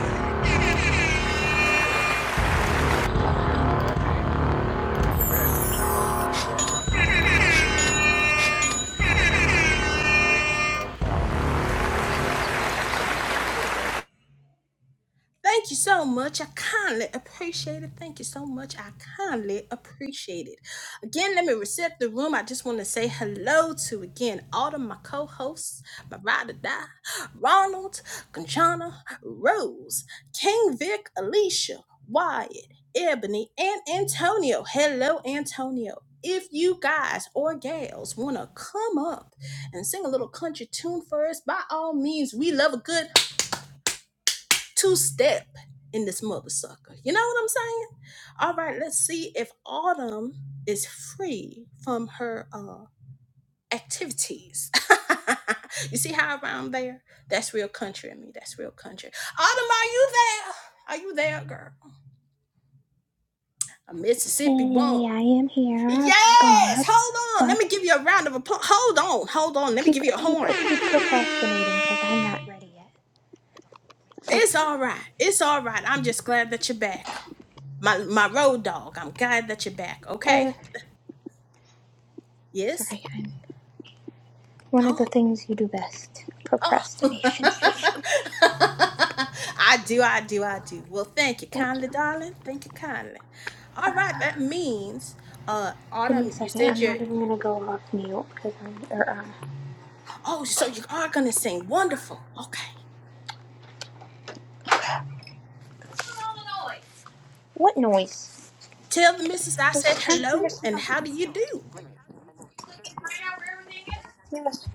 Speaker 1: Thank you so much. I kindly appreciate it. Thank you so much. I kindly appreciate it. Again, let me reset the room. I just want to say hello to again all of my co-hosts, my ride or die, Ronald, Conchana, Rose, King Vic, Alicia, Wyatt, Ebony, and Antonio. Hello, Antonio. If you guys or gals want to come up and sing a little country tune for us, by all means, we love a good two step in this mother sucker. You know what I'm saying? All right, let's see if Autumn is free from her uh activities. you see how around there? That's real country in me. That's real country. Autumn, are you there? Are you there, girl? A Mississippi
Speaker 3: Okay,
Speaker 1: woman.
Speaker 3: I am here,
Speaker 1: Yes.
Speaker 3: but
Speaker 1: Hold on. Let me
Speaker 3: but
Speaker 1: give you a round of applause. Hold on. Hold on. Let me
Speaker 3: keep
Speaker 1: give you a
Speaker 3: keep
Speaker 1: horn.
Speaker 3: keep procrastinating because I'm not ready yet. Like,
Speaker 1: It's all right. It's all right. I'm just glad that you're back. My my road dog. I'm glad that you're back. Okay.
Speaker 3: uh,
Speaker 1: Yes.
Speaker 3: sorry, I'm one of
Speaker 1: Huh?
Speaker 3: the things you do best:
Speaker 1: Oh.
Speaker 3: procrastination station.
Speaker 1: I do, I do, I do. Well, thank you
Speaker 3: Thank
Speaker 1: kindly,
Speaker 3: you.
Speaker 1: darling. Thank you kindly. All right,
Speaker 3: Uh,
Speaker 1: that means uh
Speaker 3: give me a
Speaker 1: Autumn, you
Speaker 3: second.
Speaker 1: said
Speaker 3: I'm
Speaker 1: you're
Speaker 3: not even gonna go off mute because I'm. Or, um,
Speaker 1: oh, so you are gonna sing. Wonderful. Okay.
Speaker 3: what noise?
Speaker 1: Tell the missus I
Speaker 3: I was
Speaker 1: said
Speaker 3: trying to figure
Speaker 1: hello and
Speaker 3: something
Speaker 1: how
Speaker 3: out.
Speaker 1: do you do?
Speaker 3: Yes.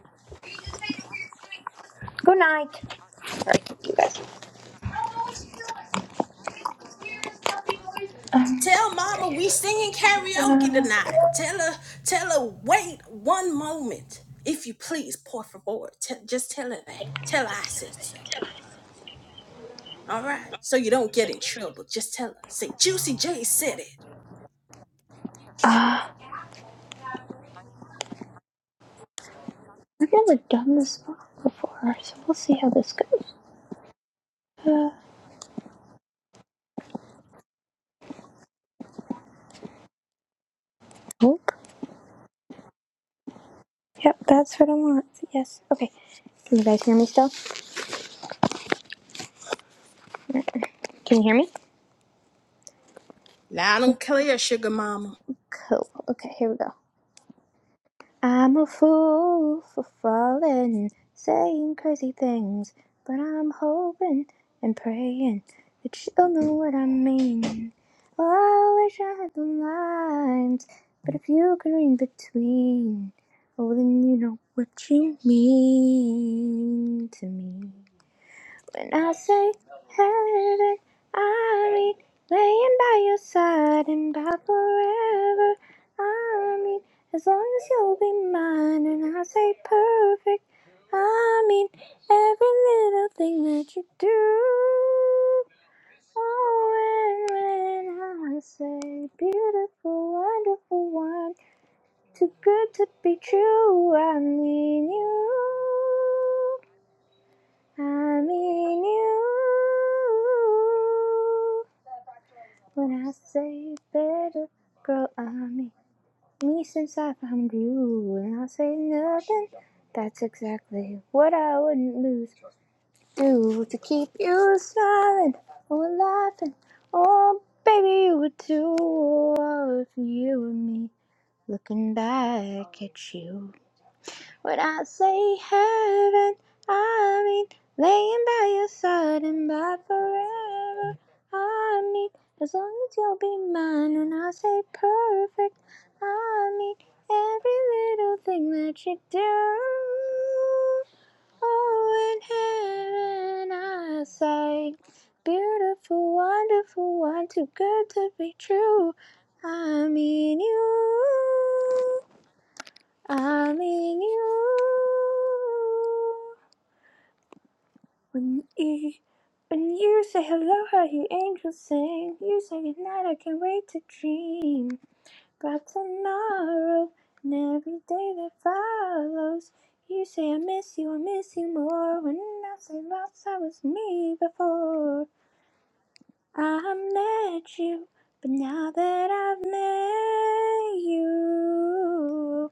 Speaker 3: Good night. You guys.
Speaker 1: Tell mama we singing karaoke tonight. Tell her, tell her, wait one moment. If you please, por favor. T- just tell her that. Tell her I said so. All right. So you don't get in trouble. Just tell her. Say, Juicy J said it.
Speaker 3: Uh, I've never done this before, so we'll see how this goes. Uh, oak? Yep, that's what I want. Yes. Okay. Can you guys hear me still? Can you hear me?
Speaker 1: Now, I don't care, Sugar Mama.
Speaker 3: Cool. Okay, here we go. I'm a fool for falling, saying crazy things, but I'm hoping and praying that you'll know what I mean. Oh, I wish I had the lines, but if you can read between, oh, then you know what you mean to me. When I say heaven, I mean laying by your side and by forever. I mean as long as you'll be mine. And I say perfect, I mean every little thing that you do. Oh, and when I say beautiful, wonderful one, too good to be true, I mean you. I'm you. When I say better, girl, I mean me since I found you. When I say nothing, that's exactly what I wouldn't lose. Do to keep you smiling or laughing. Oh, baby, you would too. Oh, if you and me looking back at you. When I say heaven, I mean laying by your side and by forever. I mean as long as you'll be mine when I say perfect. I mean every little thing that you do. Oh, in heaven I say, beautiful, wonderful, one too good to be true. I mean you. I'm in you. When you, when you say hello, I hear angels sing. You say goodnight, I can't wait to dream. About tomorrow and every day that follows. You say I miss you, I miss you more. When I say lost, I was me before. I met you, but now that I've met you,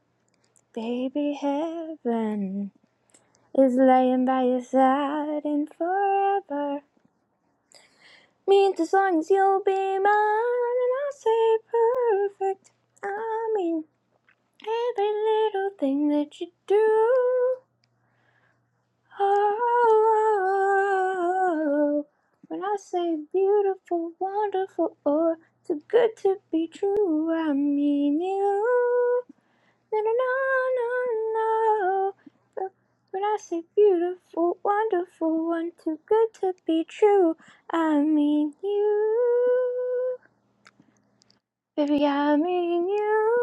Speaker 3: baby heaven. is lying by your side and forever. Means as long as you'll be mine, and I'll say perfect. I mean, every little thing that you do. Oh, when I say beautiful, wonderful, or too good to be true, I mean you. No, no, no, no, no. When I say beautiful, wonderful, one too good to be true, I mean you. Baby, I mean you.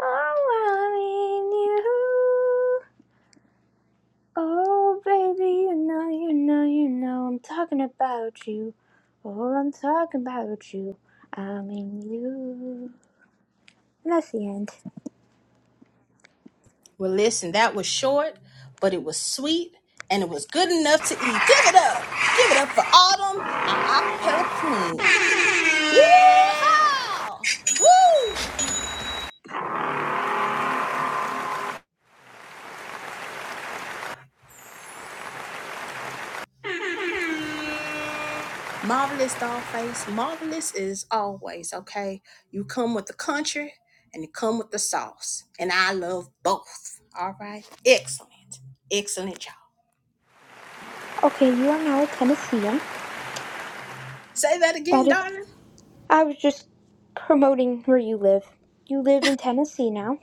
Speaker 3: Oh, I mean you. Oh, baby, you know, you know, you know, I'm talking about you. Oh, I'm talking about you. I mean you. And that's the end.
Speaker 1: Well, listen, that was short, but it was sweet and it was good enough to eat. Give it up. Give it up for Autumn, our acapella queen. Yeah! Woo! Marvelous Dollface. Marvelous is always, okay? You come with the country and you come with the sauce. And I love both. All right? Excellent. Excellent, y'all.
Speaker 3: Okay, you are now a Tennessean.
Speaker 1: Say that
Speaker 3: That
Speaker 1: again,
Speaker 3: is.
Speaker 1: darling.
Speaker 3: I was just promoting where you live. You live in Tennessee now.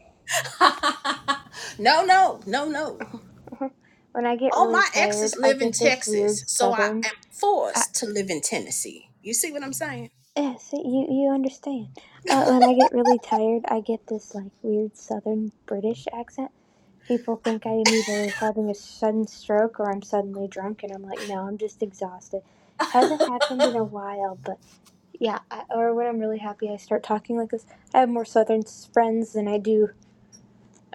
Speaker 1: No, no, no, no.
Speaker 3: Uh-huh. When I get
Speaker 1: All
Speaker 3: really
Speaker 1: my
Speaker 3: tired,
Speaker 1: exes
Speaker 3: I
Speaker 1: live in
Speaker 3: get this
Speaker 1: Texas,
Speaker 3: weird
Speaker 1: so I
Speaker 3: southern.
Speaker 1: am
Speaker 3: I,
Speaker 1: forced to live in Tennessee. You see what I'm saying?
Speaker 3: yeah, see, you, you understand. Uh, when I get really tired, I get this like weird southern British accent. People think I am either having a sudden stroke or I'm suddenly drunk, and I'm like, no, I'm just exhausted. Hasn't happened in a while, but yeah. I, or when I'm really happy, I start talking like this. I have more southern friends than I do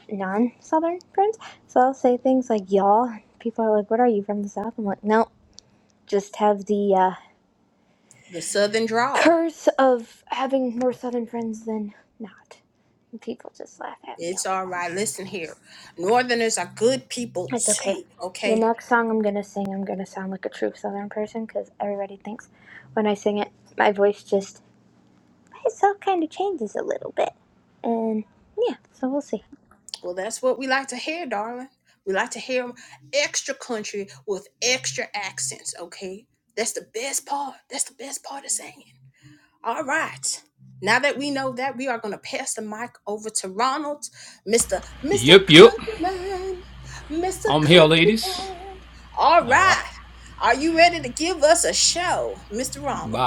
Speaker 3: non Southern friends. So I'll say things like y'all. People are like, what are you from the South? I'm like, no, just have the uh,
Speaker 1: The Southern drawl.
Speaker 3: curse of having more Southern friends than not. And people just laugh at me all
Speaker 1: It's
Speaker 3: the
Speaker 1: all
Speaker 3: time.
Speaker 1: right.
Speaker 3: So
Speaker 1: Listen here. Northerners are good people
Speaker 3: it's okay.
Speaker 1: too,
Speaker 3: The
Speaker 1: okay?
Speaker 3: next song I'm gonna sing, I'm gonna sound like a true Southern person because everybody thinks when I sing it, my voice just itself kind of changes a little bit. And yeah, so we'll see.
Speaker 1: Well, that's what we like to hear, darling. We like to hear extra country with extra accents, okay? That's the best part. That's the best part of saying. it. All right. Now that we know that, we are going to pass the mic over to Ronald, Mr. Mr. Countryman, Mr. Countryman. All right. Are you ready to give us a show, Mr. Ronald?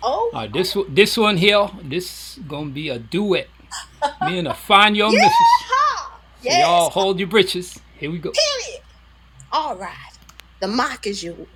Speaker 1: Oh, oh. Yeah. Yes. Period. All right. The mic is yours.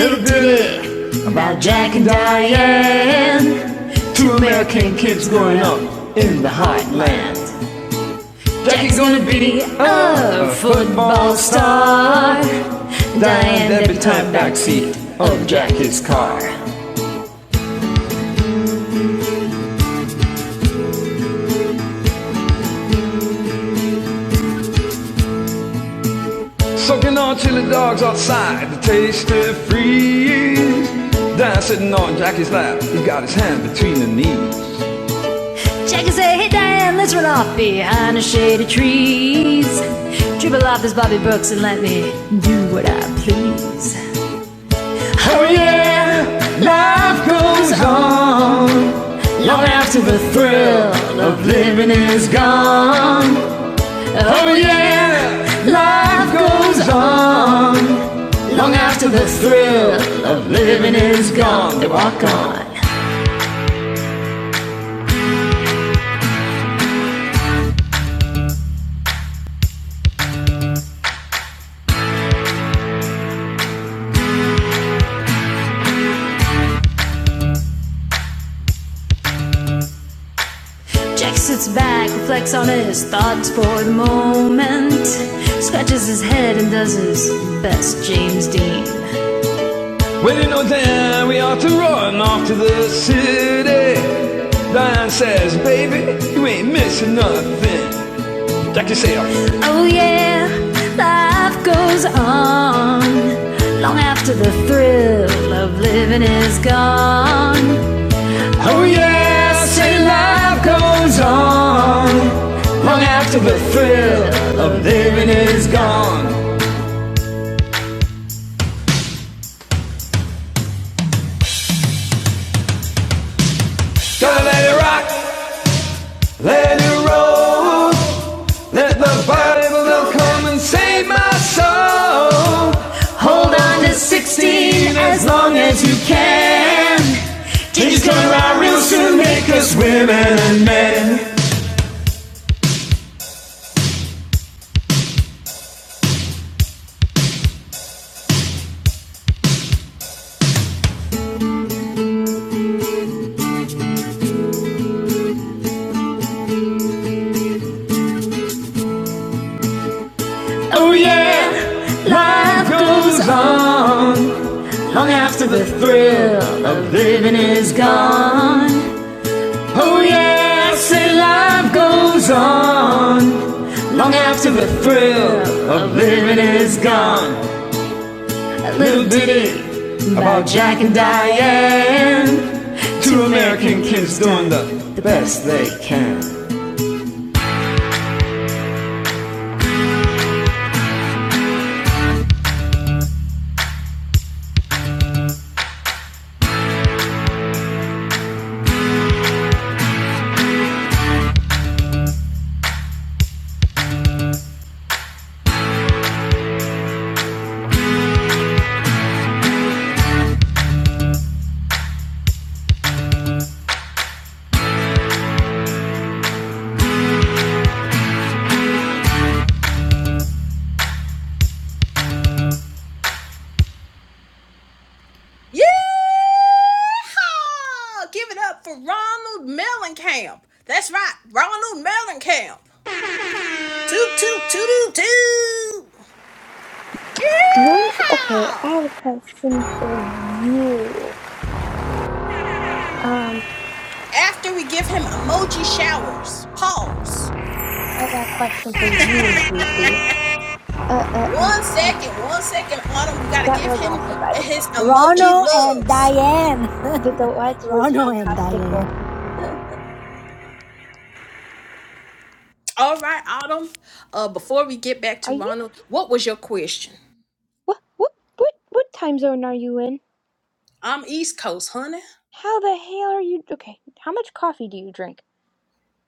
Speaker 2: Little ditty about Jack and Diane. Two American kids growing up in the heartland. Jackie's gonna be a football star. Diane every time backseat of Jackie's car. Soaking on chili dogs outside, the taste of freeze. Dan sitting on Jackie's lap, he's got his hand between the knees. Jackie and say, hey Dan, let's run off behind the shady trees. Dribble off this Bobby Brooks and let me do what I please. Oh yeah, life goes on. Long after the thrill of living is gone. Oh yeah, life goes on. Long after the thrill of living is gone, they walk Jack sits back, reflects on his thoughts for the moment, scratches his head and does his best James Dean. Well, you know, Dan, we ought to run off to the city. Diane says, baby, you ain't missing nothing. Jack, you say, "Oh, Oh yeah, life goes on long after the thrill of living is gone. Oh yes, and life goes on long after the thrill of living is gone. Gotta let it rock, let it roll, let the Bible of come and save my soul. Hold on to 16 as long as you can. Change is coming around real soon, make us women and men. Oh yeah, life goes on Long after the thrill of living is gone. Oh yes, and life goes on. Long after the thrill of living is gone. A little ditty about Jack and Diane. Two American kids doing the best they can.
Speaker 1: Yeah. Give it up for Ronald Mellencamp. That's right. Ronald Mellencamp. Toot, toot, toot, toot, toot.
Speaker 3: You're okay. I have
Speaker 1: Yeehaw!
Speaker 3: a question for you. Um,
Speaker 1: After we give him emoji showers, pause.
Speaker 3: I got a question for you, Juicy. Uh, uh, uh,
Speaker 1: One
Speaker 3: uh.
Speaker 1: second, one second, Autumn. We gotta
Speaker 3: That
Speaker 1: give
Speaker 3: was
Speaker 1: him
Speaker 3: awesome, by the
Speaker 1: his
Speaker 3: way. The, the,
Speaker 1: emoji
Speaker 5: Ronald and
Speaker 1: loves.
Speaker 5: Diane.
Speaker 3: the duet was
Speaker 5: Ronald and Diane.
Speaker 3: fantastical.
Speaker 1: All right, Autumn. Uh, before we get back
Speaker 3: Are
Speaker 1: to
Speaker 3: you?
Speaker 1: Ronald, what was your question?
Speaker 3: What, what, what, what time zone are you in?
Speaker 1: I'm East Coast, honey.
Speaker 3: How the hell are you? Okay, how much coffee do you drink?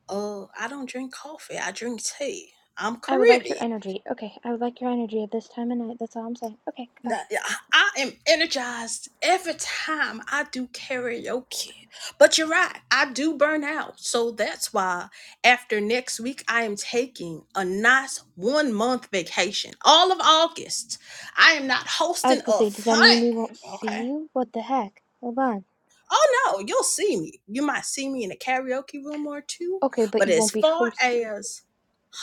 Speaker 1: Uh, I don't drink coffee. I drink tea. I'm
Speaker 3: I would like your
Speaker 1: Caribbean.
Speaker 3: energy. Okay, I would like your energy at this time of night. That's all I'm saying. Okay, goodbye.
Speaker 1: Now, yeah, I I am energized every time I do karaoke. But you're right, I do burn out. So that's why after next week, I am taking a nice one month vacation. All of August, I am not
Speaker 3: I
Speaker 1: hosting
Speaker 3: was gonna
Speaker 1: a
Speaker 3: say, does that mean we won't
Speaker 1: thing.
Speaker 3: see
Speaker 1: Okay.
Speaker 3: you? What the heck? Hold on.
Speaker 1: Oh no, you'll see me. You might see me in a karaoke room or two.
Speaker 3: Okay, but
Speaker 1: But
Speaker 3: you
Speaker 1: as
Speaker 3: won't be
Speaker 1: far
Speaker 3: hosting.
Speaker 1: as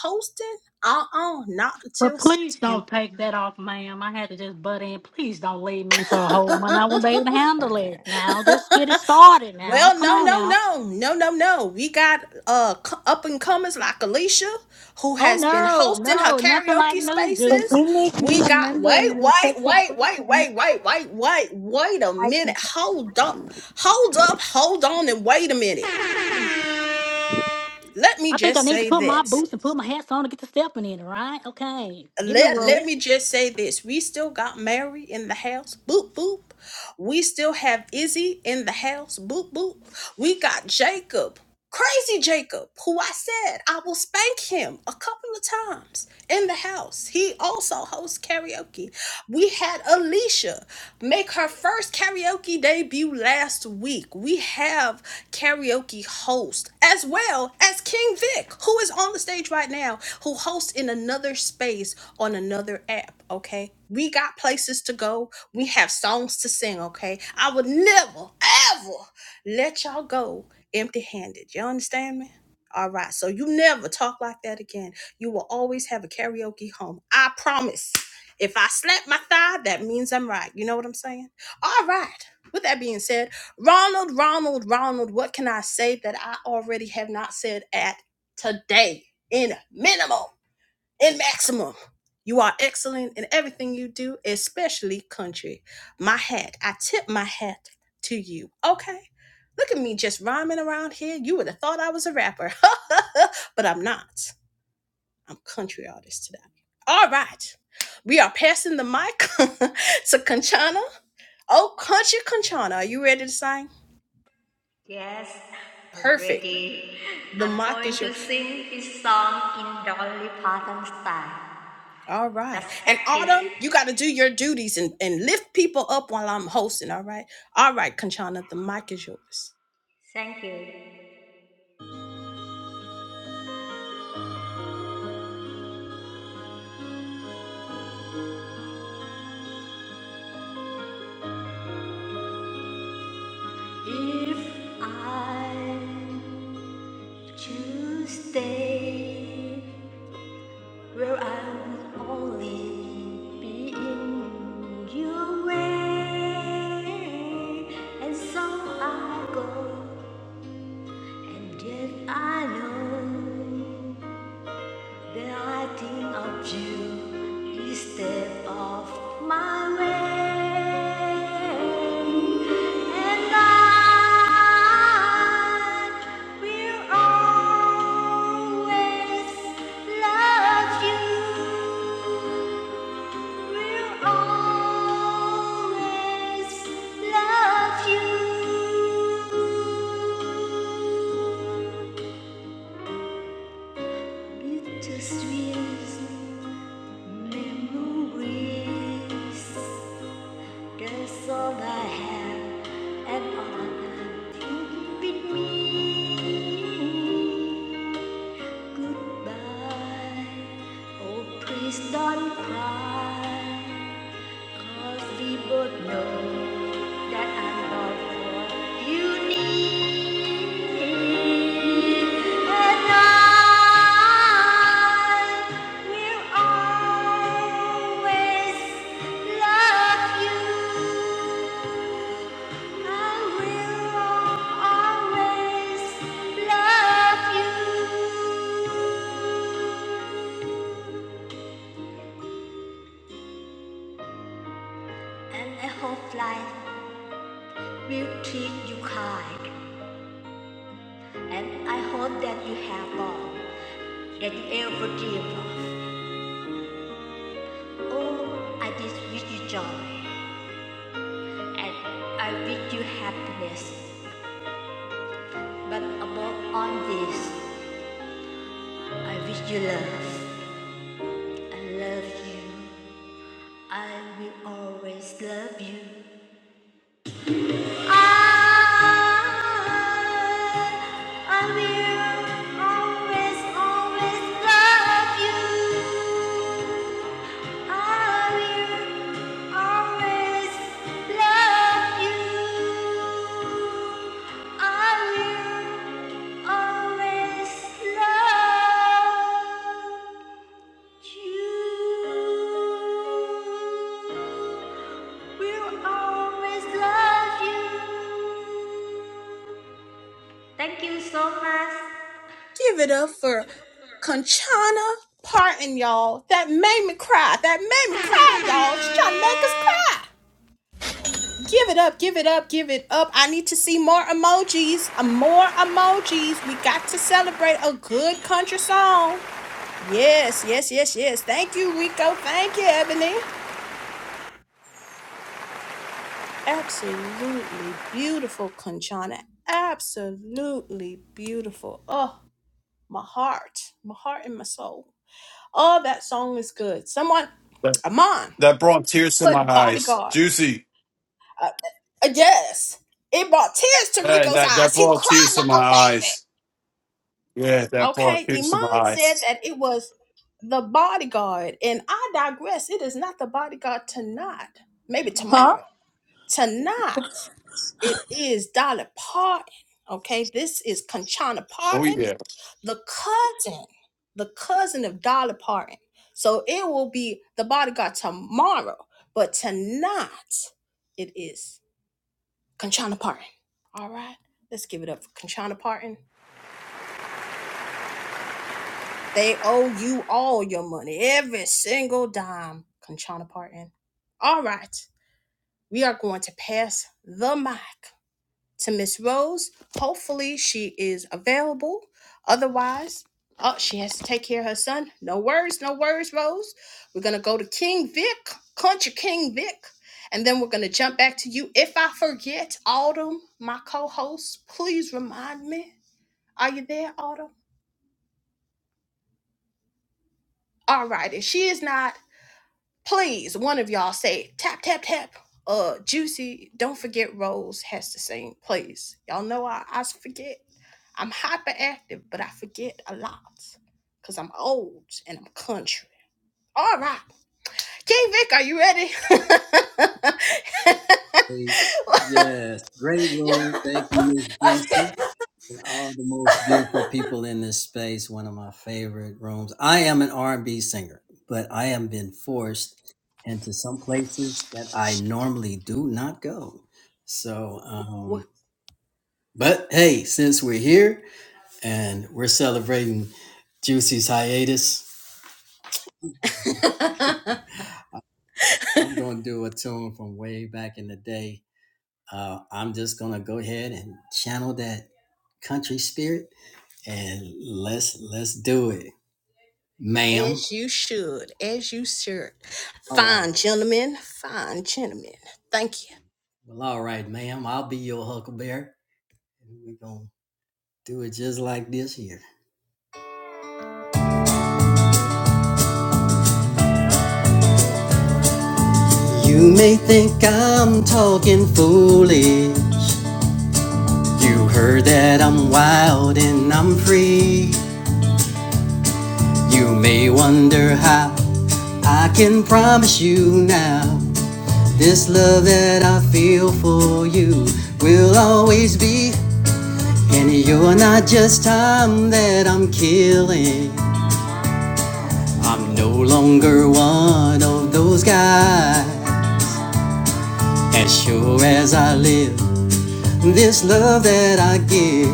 Speaker 1: hosting, uh uh not
Speaker 6: But
Speaker 1: until
Speaker 6: please
Speaker 1: September.
Speaker 6: don't take that off, ma'am. I had to just butt in. Please don't leave me for a whole month. I wouldn't be able to handle it now. Just get it started now.
Speaker 1: Well,
Speaker 6: Come
Speaker 1: no,
Speaker 6: on
Speaker 1: no,
Speaker 6: now.
Speaker 1: no, no, no, no. We got uh c- up and comers like Alicia, who
Speaker 6: Oh
Speaker 1: has been
Speaker 6: no,
Speaker 1: hosting her
Speaker 6: no, nothing like
Speaker 1: karaoke
Speaker 6: new
Speaker 3: If
Speaker 1: spaces.
Speaker 3: you
Speaker 6: juices.
Speaker 3: make me
Speaker 1: We
Speaker 3: a
Speaker 1: got
Speaker 3: member and
Speaker 1: wait,
Speaker 3: an
Speaker 1: wait,
Speaker 3: official
Speaker 1: wait, wait,
Speaker 3: person,
Speaker 1: wait, wait, wait, wait, wait a
Speaker 3: I
Speaker 1: minute.
Speaker 3: can host.
Speaker 1: Hold up, hold up, hold on, and wait a minute. Let me
Speaker 6: I think I
Speaker 1: just
Speaker 6: need
Speaker 1: say
Speaker 6: to put my
Speaker 1: this.
Speaker 6: boots and put my hats on to get the stepping in, right? Okay. Give me a
Speaker 1: let
Speaker 6: room.
Speaker 1: let me just say this we still got mary in the house boop boop we still have izzy in the house boop boop we got jacob crazy jacob who i said i will spank him a couple of times in the house he also hosts karaoke we had alicia Alicia make her first karaoke debut last week. We have karaoke host as well as King Vic, who is on the stage right now, who hosts in another space on another app. Okay, we got places to go, we have songs to sing. Okay, I would never ever let y'all go empty handed. You understand me? All right, so you never talk like that again. You will always have a karaoke home. I promise. If I slap my thigh, that means I'm right. You know what I'm saying? All right. With that being said, Ronald, Ronald, Ronald, what can I say that I already have not said at today in minimum, in maximum? You are excellent in everything you do, especially country. My hat, I tip my hat to you. Okay. Look at me just rhyming around here. You would have thought I was a rapper, but I'm not. I'm country artist today. All right. We are passing the mic to Conchana. Oh, country Conchana, are you ready to sing?
Speaker 4: yes, I'm
Speaker 1: Perfect.
Speaker 4: ready.
Speaker 1: The
Speaker 4: I'm
Speaker 1: mic
Speaker 4: going
Speaker 1: is your.
Speaker 4: to sing this song in Dolly Parton style.
Speaker 1: All right.
Speaker 4: Just
Speaker 1: And
Speaker 4: practice.
Speaker 1: Autumn, you got to do your duties and, and lift people up while I'm hosting. All right. All right, Conchana, the mic is yours.
Speaker 4: Thank you. If I choose stay Well, I'm only being your way, and so I go. And yet I know that I think of you each step off my way, and I will always love you. We'll always love you. Bittersweet memories. That's all I have, and all I can with me. Goodbye. Oh, please don't cry. Cause we both know that I'm not what you need. And I will always love you. I will always love you. And I hope life will treat you kind, and I hope that you have all that you ever dreamed of. Oh, I just wish you joy, and I wish you happiness. But above all this, I wish you love. I love you. I will always love you. I, I will always, always love you. I will always love you. I will always love you. Will always love you. Thank you so much.
Speaker 1: Give it up for Conchana Parton, y'all. That made me cry. That made me cry, y'all. She's trying to make us cry. Give it up, give it up, give it up. I need to see more emojis. uh, More emojis. We got to celebrate a good country song. Yes, yes, yes, yes. Thank you, Rico. Thank you, Ebony. Absolutely beautiful, Conchana. Absolutely beautiful. Oh, my heart, my heart and my soul. Oh, that song is good. Someone,
Speaker 7: That,
Speaker 1: Amon,
Speaker 7: that brought tears to my
Speaker 1: put
Speaker 7: eyes.
Speaker 1: bodyguard.
Speaker 7: Juicy.
Speaker 1: Uh, uh, yes. It brought tears to
Speaker 7: That,
Speaker 1: Rico's
Speaker 7: that that
Speaker 1: eyes. He
Speaker 7: brought
Speaker 1: cried
Speaker 7: tears to my
Speaker 1: like a baby.
Speaker 7: eyes. Yeah, that brought
Speaker 1: Okay,
Speaker 7: tears to my
Speaker 1: Iman said
Speaker 7: eyes.
Speaker 1: that it was the bodyguard, and I digress. It is not the bodyguard tonight, maybe
Speaker 8: Huh?
Speaker 1: tomorrow. Tonight, it is Dolly Parton. Okay, this is Conchana
Speaker 7: Oh
Speaker 1: Parton,
Speaker 7: yeah.
Speaker 1: the cousin, the cousin of Dolly Parton. So it will be the bodyguard tomorrow, but tonight it is Conchana Parton. All right, let's give it up for Conchana Parton. They owe you all your money, every single dime, Conchana Parton. All right, we are going to pass the mic to Miss Rose. Hopefully, she is available. Otherwise, oh, she has to take care of her son. No worries, no worries, Rose. We're gonna go to King Vic, Country King Vic, and then we're gonna jump back to you. If I forget, Autumn, my co-host, please remind me. Are you there, Autumn? All right, if she is not. Please, one of y'all say tap tap tap. Uh, Juicy, don't forget Rose has to sing. Please, y'all know I I forget. I'm hyperactive, but I forget a lot because I'm old and I'm country. All right, King Vic, are you ready?
Speaker 9: Hey, Yes, great room. Thank you, Miss Juicy, and all the most beautiful people in this space. One of my favorite rooms. I am an R and B singer, but I am been forced into some places that I normally do not go. So, um, but hey, since we're here and we're celebrating Juicy's hiatus, I'm gonna do a tune from way back in the day. Uh, I'm just gonna go ahead and channel that country spirit and let's let's do it, ma'am.
Speaker 1: As you should, as you should.
Speaker 9: All right.
Speaker 1: Fine, gentlemen, fine, gentlemen. Thank you.
Speaker 9: Well, all right, ma'am. I'll be your huckleberry, we're gonna do it just like this here. You may think I'm talking foolish. You heard that I'm wild and I'm free. You may wonder how I can promise you now. This love that I feel for you will always be. And you're not just time that I'm killing. I'm no longer one of those guys. As sure as I live, this love that I give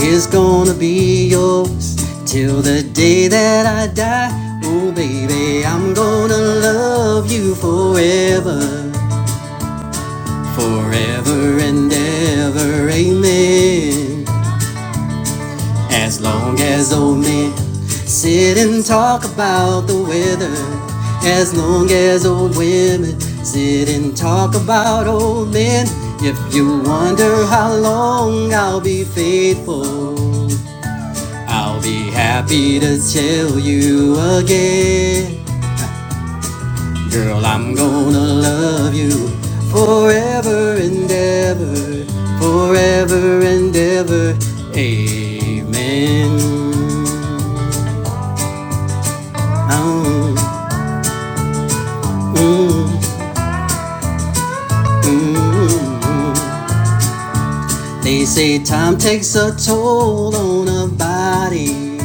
Speaker 9: is gonna be yours till the day that I die. Oh, baby, I'm gonna love you forever, forever and ever. Amen. As long as old men sit and talk about the weather, as long as old women sit and talk about old men, if you wonder how long I'll be faithful, I'll be happy to tell you again. Girl, I'm gonna love you forever and ever, forever and ever. Amen. Oh, mm, mm, mm. They say time takes a toll on a body.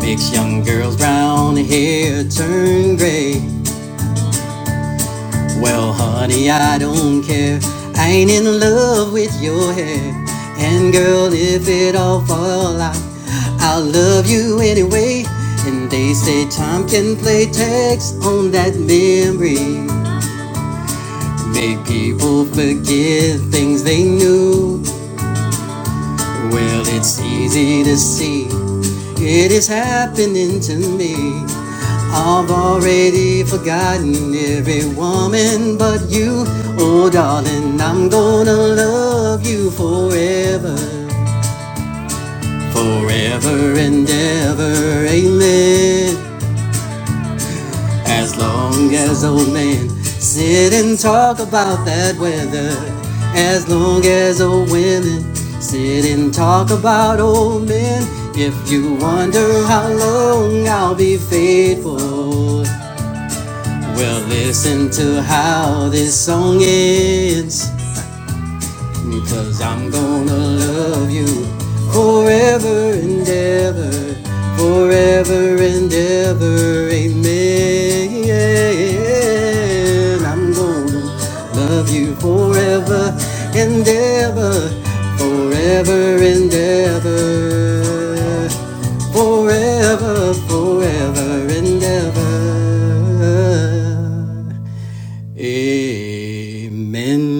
Speaker 9: Makes young girls' brown hair turn gray. Well, honey, I don't care. I ain't in love with your hair. And girl, if it all fall out, I'll love you anyway. And they say time can play tricks on that memory. Make people forget things they knew. Well, it's easy to see it is happening to me. I've already forgotten every woman but you. Oh, darling, I'm gonna love you forever, forever and ever. Amen. As long as old men sit and talk about that weather. As long as old women sit and talk about old men. If you wonder how long I'll be faithful, well, listen to how this song ends. Cause I'm gonna love you forever and ever, forever and ever, amen. I'm gonna love you forever and ever, forever and ever, forever, forever and ever. Amen.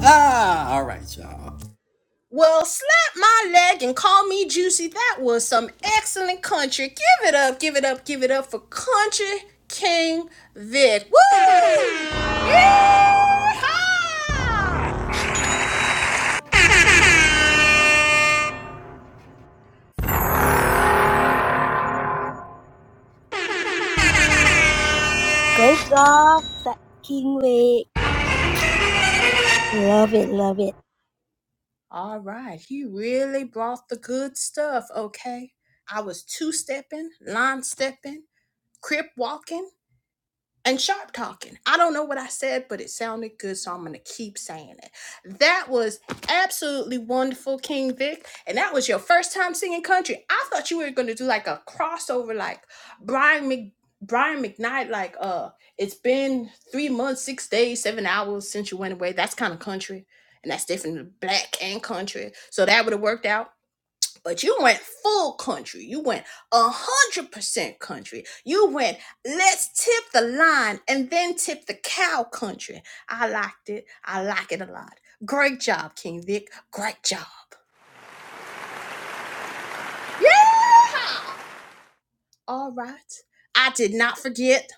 Speaker 9: Ah, all right, y'all.
Speaker 1: Well, slap my leg and call me juicy. That was some excellent country. Give it up, give it up, give it up for Country King Vic. Woo! Yeehaw!
Speaker 5: Great job, Sa- King Wig. Love it, love it.
Speaker 1: All right, he really brought the good stuff, okay? I was two stepping, line stepping, crip walking. and sharp talking. I don't know what I said, but it sounded good, so I'm gonna keep saying it. That was absolutely wonderful, King Vic, and that was your first time singing country. I thought you were gonna do like a crossover, like Brian Mc Brian McKnight, like uh, it's been three months, six days, seven hours since you went away. That's kind of country, and that's different, black and country. So that would have worked out. But you went full country. You went a hundred percent country. You went let's tip the line and then tip the cow country. I liked it. I like it a lot. Great job, King Vic. Great job. Yeah. All right. I did not forget.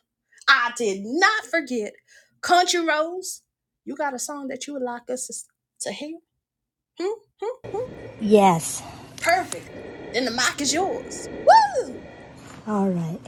Speaker 1: I did not forget. Country Rose, you got a song that you would like us to, to hear? Hmm?
Speaker 5: Yes.
Speaker 1: Perfect. Then the mic is yours. Woo!
Speaker 5: All right.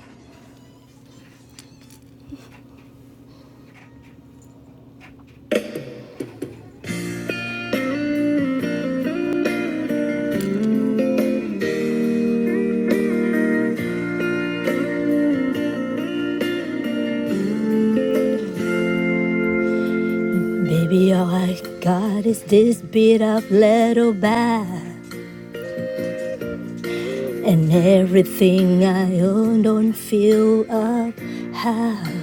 Speaker 5: Baby, all I got is this beat up little bag. And everything I own don't feel up half.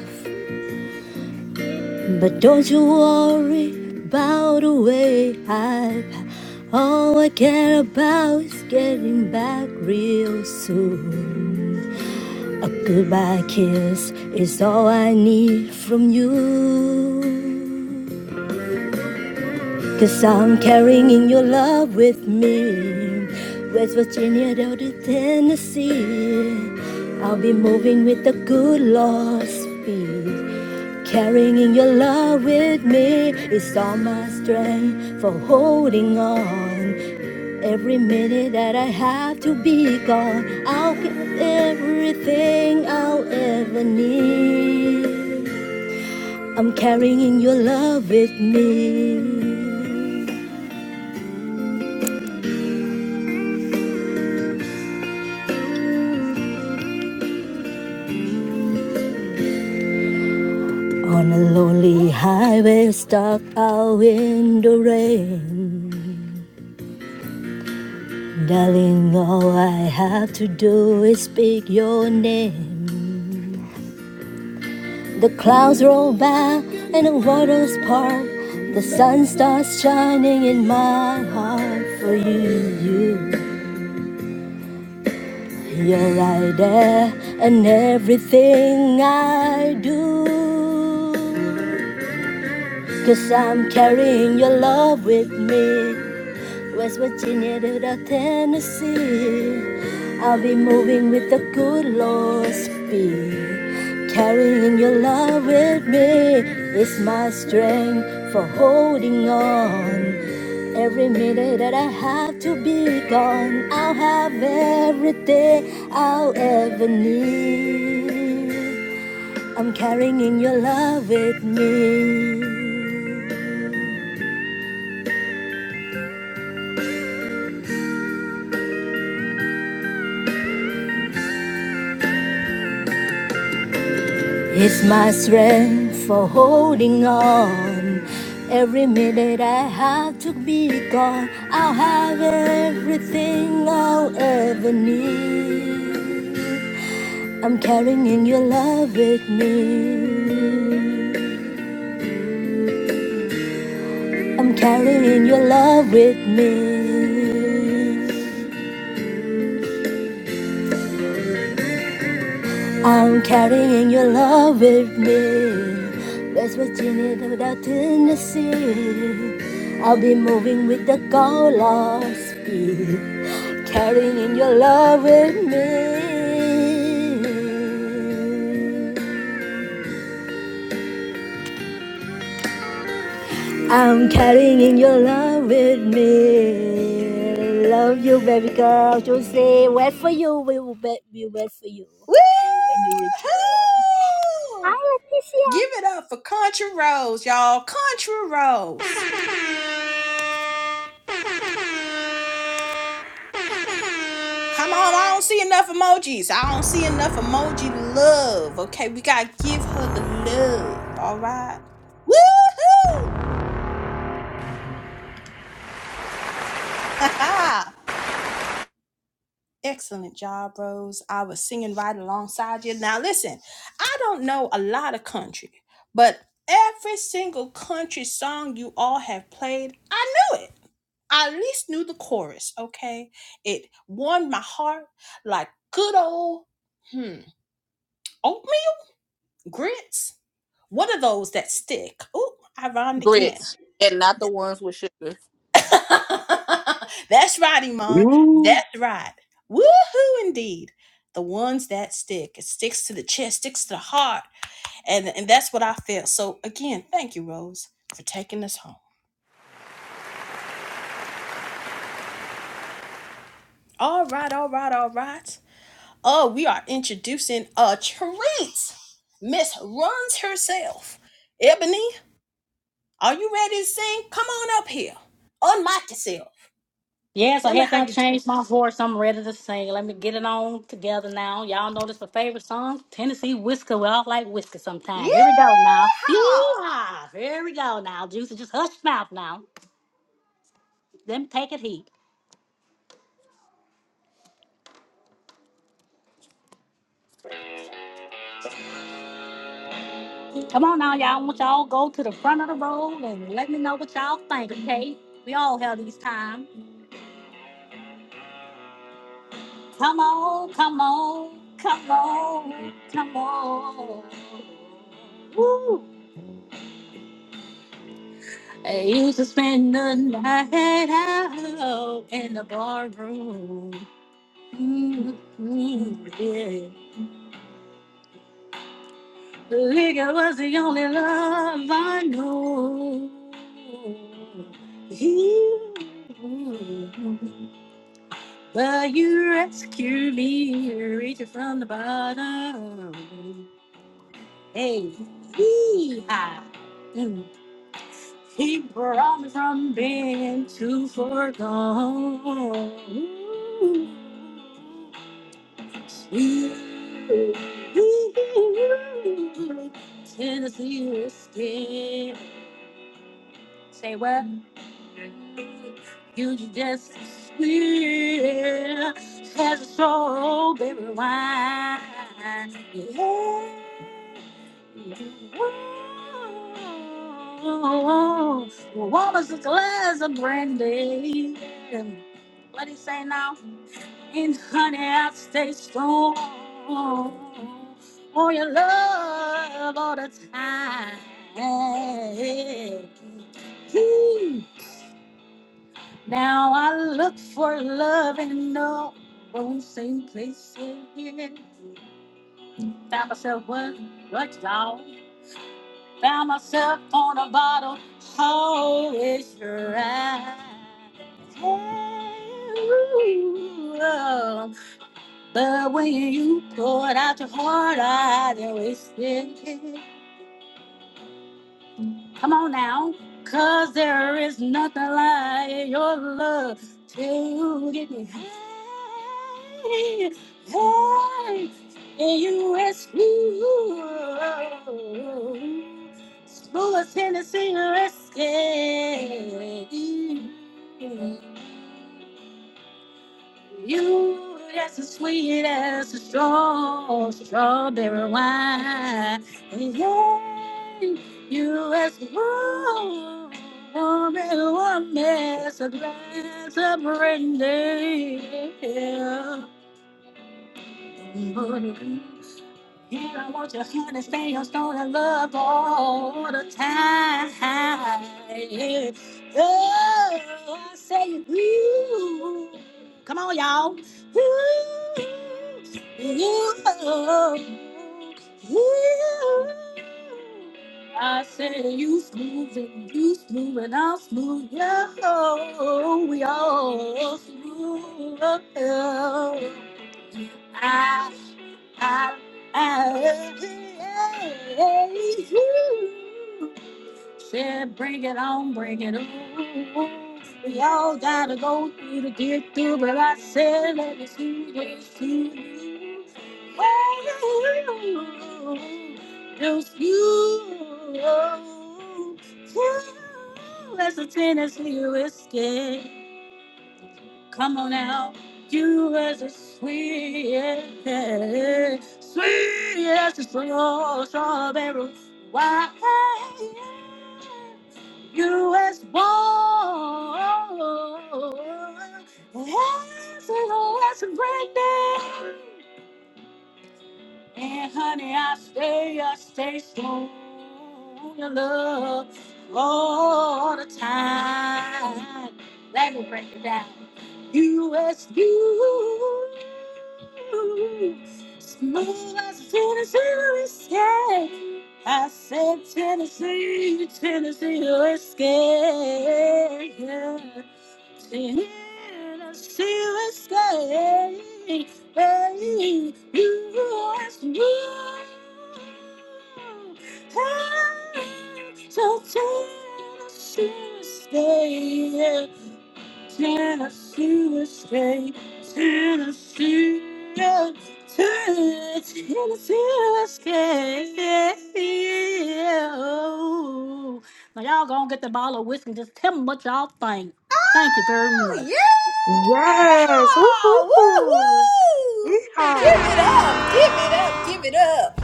Speaker 5: But don't you worry about the way I. pack. All I care about is getting back real soon. A goodbye kiss is all I need from you. Cause I'm carrying your love with me. West Virginia down to Tennessee. I'll be moving with the good Lord's speed. Carrying your love with me is all my strength for holding on. Every minute that I have to be gone, I'll give everything I'll ever need. I'm carrying your love with me. On a lonely highway, stuck out in the rain. Darling, all I have to do is speak your name. The clouds roll back and the waters part. The sun starts shining in my heart for you. you. You're right there, and everything I do. Cause I'm carrying your love with me. West Virginia to the Tennessee. I'll be moving with the good Lord's speed. Carrying your love with me is my strength for holding on. Every minute that I have to be gone, I'll have everything I'll ever need. I'm carrying your love with me. It's my strength for holding on. Every minute I have to be gone, I'll have everything I'll ever need. I'm carrying your love with me. I'm carrying your love with me. I'm carrying your love with me. West Virginia to the Tennessee. I'll be moving with the goal of speed. Carrying your love with me. I'm carrying your love with me. Love you, baby girl. Just say, wait for you. We will be, we wait for you
Speaker 1: Woo!
Speaker 5: when you return. Hi,
Speaker 1: Give it up for Country Rose, y'all. Country Rose. Come on, I don't see enough emojis. I don't see enough emoji love. Okay, we gotta give her the love. All right. Woohoo! Ha Excellent job, Rose. I was singing right alongside you. Now, listen, I don't know a lot of country, but every single country song you all have played, I knew it. I at least knew the chorus, okay? It warmed my heart like good old hmm, oatmeal grits. What are those that stick? Ooh, I rhymed again.
Speaker 8: Grits, and not the ones with sugar.
Speaker 1: That's right, Iman.
Speaker 10: Woo.
Speaker 1: That's right. Woohoo indeed. The ones that stick. It sticks to the chest, sticks to the heart. And, and that's what I felt. So again, thank you, Rose, for taking us home. All right, all right, all right. Oh, we are introducing a treat. Miss Runs herself. Ebony, are you ready to sing? Come on up here. Unmic yourself.
Speaker 6: Yes, I had to change my voice. I'm ready to sing. Let me get it on together now. Y'all know this my favorite song, Tennessee Whisker. We all like whisker sometime.
Speaker 1: Yeah!
Speaker 6: Here we go now. Yeah, here we go now. Juicy, just hush your mouth now. Them take it heat. Come on now, y'all. I want y'all go to the front of the road and let me know what y'all think, okay? We all have these times. Come on, come on, come on, come on. Woo! I used to spend the night out in the bar room. Mm-hmm, yeah. Liquor was the only love I knew. You. Will you rescue me? Reach it from the bottom. Hey, yee-haw. Mm. He brought me from being too far gone. Ooh. Ooh. Tennessee whiskey. Say what? You just feel has a soul, baby, Why? Yeah. Whoa. What was a glass of brandy? What he say now? And honey, i stay strong. On your love all the time. Hey. Now I look for love in no same place again. Found myself what what dog. Found myself on a bottle. How is your eye? Ooh, love. But when you poured out your heart, I didn't waste it. Come on now. Cause there is nothing like your love to get me high. Hey, and you rescue. Louis Tennessee rescue. You, that's as sweet as a straw, strawberry wine. And yeah, you as warm, warm and warm as a glass of brandy. Yeah, I want your honey, stay your stone and love all the time. Oh, I say, ooh. Come on, y'all. Ooh, ooh, ooh. I say, you smooth and you smooth and I'm smooth. Yeah, oh, we all smooth. Oh, I Said, bring it on, bring it on. We all gotta go through to get through, but I said, let me see this through. Oh, just you. You, as a Tennessee whiskey. Come on now. You as a sweet, yeah, sweet as a slow strawberry. Why? You as warm as a, as a great and honey, I stay, I stay strong in your love all the time. Let me break it down. You as Smooth as Tennessee whiskey. I said Tennessee, Tennessee whiskey. Tennessee whiskey. Hey, you are smooth. Hey, so Tennessee whiskey. Tennessee State, Tennessee, Tennessee, Tennessee State. Now y'all gonna get the bottle of whiskey. Just tell me what y'all think. Thank you very
Speaker 1: Oh,
Speaker 6: much.
Speaker 1: yeah!
Speaker 11: Yes. Woohoo.
Speaker 1: Woo, woo! Give it
Speaker 11: Yeehaw.
Speaker 1: up, give it up, give it up.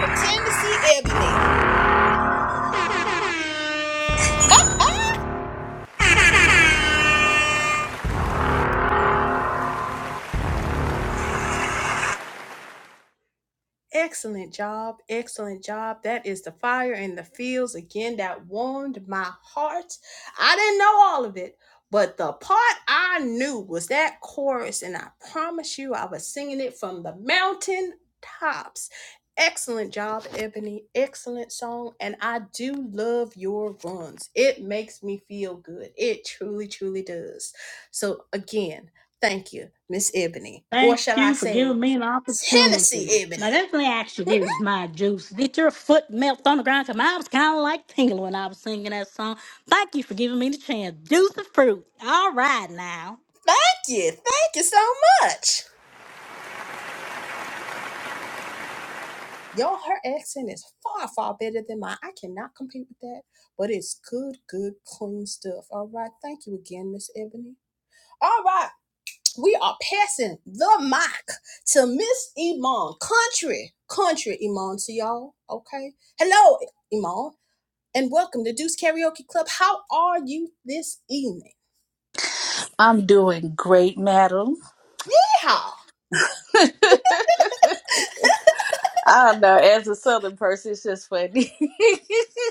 Speaker 1: For Tennessee Ebony. Excellent job. Excellent job. That is the fire in the fields again that warmed my heart. I didn't know all of it, but the part I knew was that chorus, and I promise you, I was singing it from the mountain tops. Excellent job, Ebony. Excellent song. And I do love your runs. It makes me feel good. It truly, truly does. So, again, thank you, Miss Ebony. Or
Speaker 6: Thank
Speaker 1: shall I
Speaker 6: you for
Speaker 1: say,
Speaker 6: giving me an opportunity.
Speaker 1: Tennessee
Speaker 6: Now
Speaker 1: Ebony.
Speaker 6: that's me ask you this
Speaker 1: Thank
Speaker 6: actually is my juice. Did your foot melt on the ground? Cause mine was kind of like tingling when I was singing that song. Thank you for giving me the chance. Juice of fruit. All right now.
Speaker 1: you. Thank you so much. Yo, her accent is far, far better than mine. I cannot compete with that, but it's good, good, clean stuff. All right. Thank you again, Miss Ebony. All right. We are passing the mic to Miss Iman. Country, country Iman to y'all. Okay. Hello, Iman, and welcome to Deuce Karaoke Club. How are you this evening?
Speaker 8: I'm doing great, madam.
Speaker 1: Yeehaw.
Speaker 8: I don't know. As a southern person, it's just funny.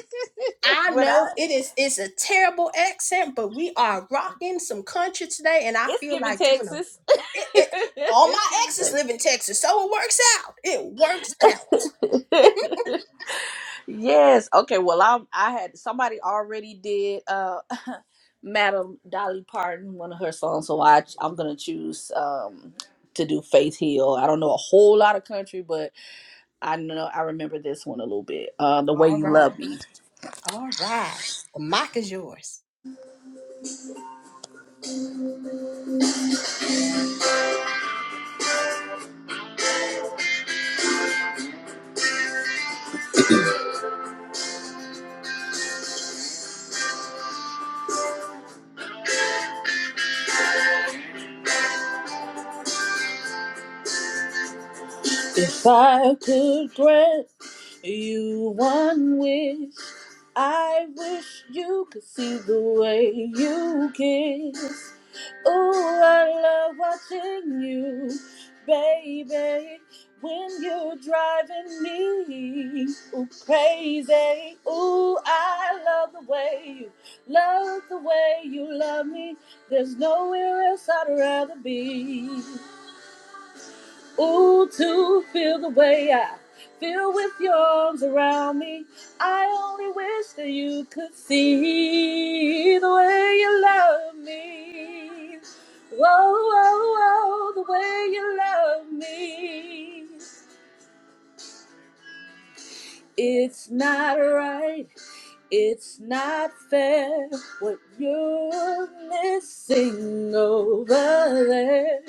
Speaker 1: I
Speaker 8: when I,
Speaker 1: know it is it's a terrible accent, but we are rocking some country today, and I
Speaker 8: it's
Speaker 1: feel
Speaker 8: giving
Speaker 1: like doing a
Speaker 8: Texas.
Speaker 1: it, it all
Speaker 8: it's
Speaker 1: my
Speaker 8: giving
Speaker 1: exes
Speaker 8: Texas.
Speaker 1: live in Texas, so it works out. It works out.
Speaker 8: yes. Okay. Well, I I had somebody already did uh, Madam Dolly Parton one of her songs, so I I'm gonna choose um to do Faith Hill. I don't know a whole lot of country, but I know I remember this one a little bit. Uh, the way you love me. If I could grant you one wish. I wish you could see the way you kiss. Ooh, I love watching you, baby. When you're driving me ooh, crazy, ooh, I love the way you love the way you love me. There's nowhere else I'd rather be. Ooh, to feel the way I feel with your arms around me. I only wish that you could see the way you love me. Whoa, whoa, whoa, the way you love me. It's not right, it's not fair what you're missing over there.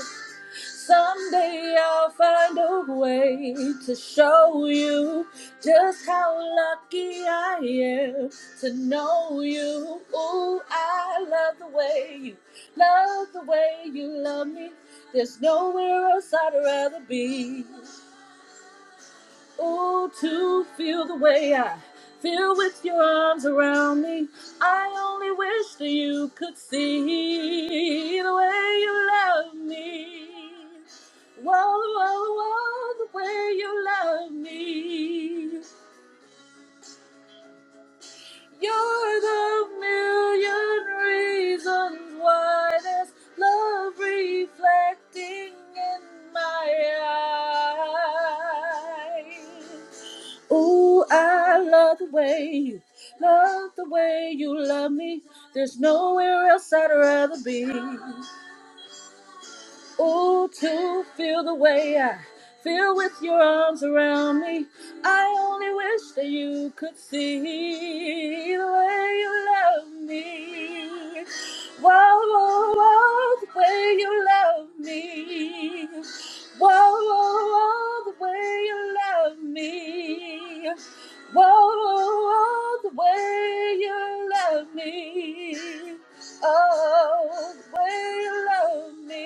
Speaker 8: Someday I'll find a way to show you just how lucky I am to know you. Ooh, I love the way you love the way you love me. There's nowhere else I'd rather be. Oh, to feel the way I feel with your arms around me. I only wish that you could see the way you love me. Whoa, whoa, whoa, the way you love me. You're the million reasons why there's love reflecting in my eyes. Ooh, I love the way you love the way you love me. There's nowhere else I'd rather be. Oh, to feel the way I feel with your arms around me. I only wish that you could see the way you love me. Whoa, whoa, whoa, the way you love me. Whoa, whoa, whoa, the way you love me. Whoa, whoa, whoa, the way you love me. Oh, the way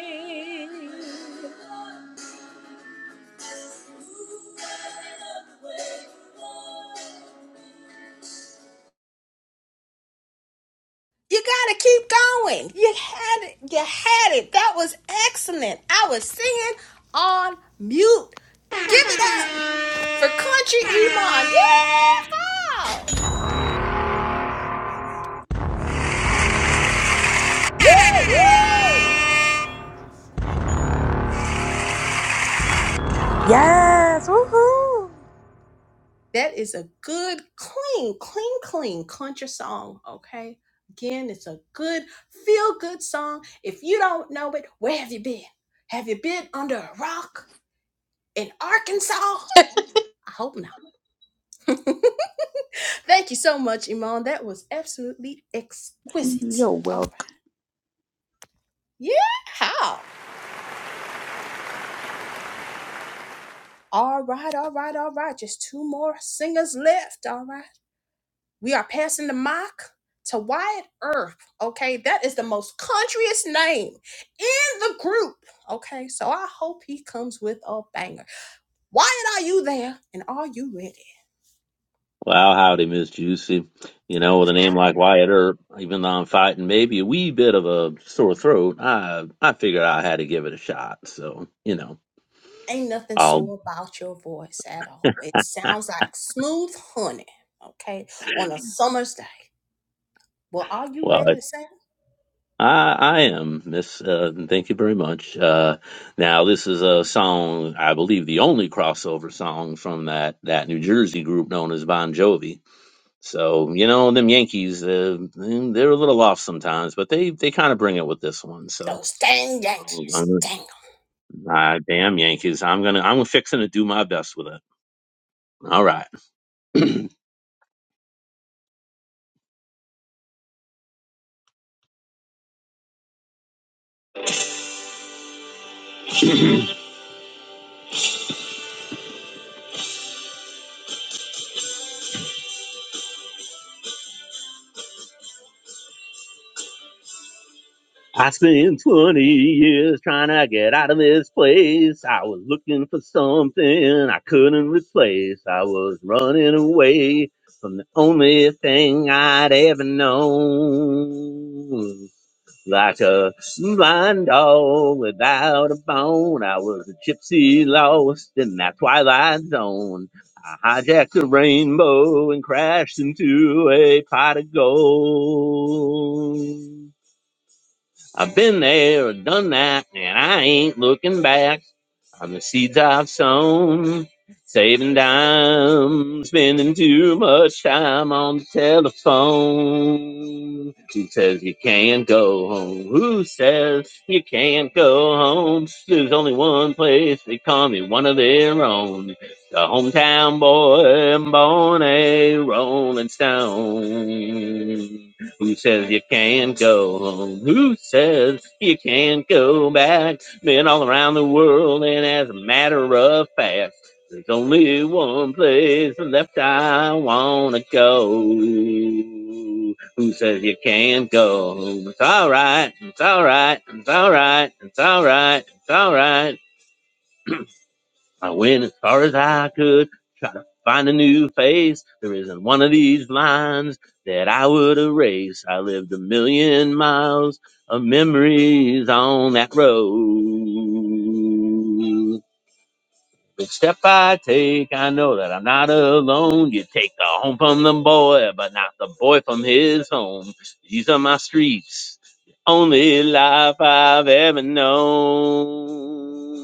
Speaker 1: You gotta keep going. You had it, you had it. That was excellent. I was singing on mute. Give it up for country
Speaker 5: Leticia.
Speaker 1: Iman. Yeah! wow. Woo woo!
Speaker 11: Yes, woohoo!
Speaker 1: That is a good, clean, clean, clean country song, okay? Again, it's a good, feel good song. If you don't know it, where have you been? Have you been under a rock in Arkansas? I hope not. Thank you so much, Iman. That was absolutely
Speaker 8: you love me.
Speaker 1: exquisite.
Speaker 8: You're
Speaker 1: All right.
Speaker 8: welcome.
Speaker 1: Yeah. How? All right, all right, all right. Just two more singers left. All right. We are passing the mock to Wyatt Earth. Okay, that is the most countryest name in the group. Okay, so I hope he comes with a banger. Wyatt, are you there? And are you ready?
Speaker 10: Wow, howdy, Miss Juicy. You
Speaker 1: Oh,
Speaker 10: know, with a name like Wyatt Earp, even though I'm fighting maybe a wee bit of a sore throat, I I figured I had to give it a shot. So, you know,
Speaker 1: ain't nothing
Speaker 10: I'll
Speaker 1: so about your voice at all. It sounds like smooth honey. Okay, on a summer's day. Well, are you
Speaker 10: well,
Speaker 1: ready to sing?
Speaker 10: I I am Miss. Uh, thank you very much. Uh, now, this is a song I believe the only crossover song from that that New Jersey group known as Bon Jovi. So, you know, them Yankees, uh, they're a little off sometimes, but they they kind of bring it with this one. So.
Speaker 1: Those dang Yankees, dang 'em.
Speaker 10: My damn Yankees. I'm gonna I'm fixing to do my best with it. All right. I spent 20 years trying to get out of this place. I was looking for something I couldn't replace. I was running away from the only thing I'd ever known. Like a blind dog without a bone, I was a gypsy lost in that twilight zone. I hijacked a rainbow and crashed into a pot of gold. I've been there, done that, and I ain't looking back. I'm the seeds I've sown, saving dimes, spending too much time on the telephone. Who says you can't go home? Who says you can't go home? There's only one place they call me one of their own. The hometown boy, born a rolling stone. Who says you can't go home? Who says you can't go back? Been all around the world, and as a matter of fact, there's only one place left I wanna go. Who says you can't go home? It's alright, it's alright, it's alright, it's alright, it's alright. I went as far as I could find a new face. There isn't one of these lines that I would erase. I lived a million miles of memories on that road. Each step I take, I know that I'm not alone. You take the home from the boy, but not the boy from his home. These are my streets, the only life I've ever known.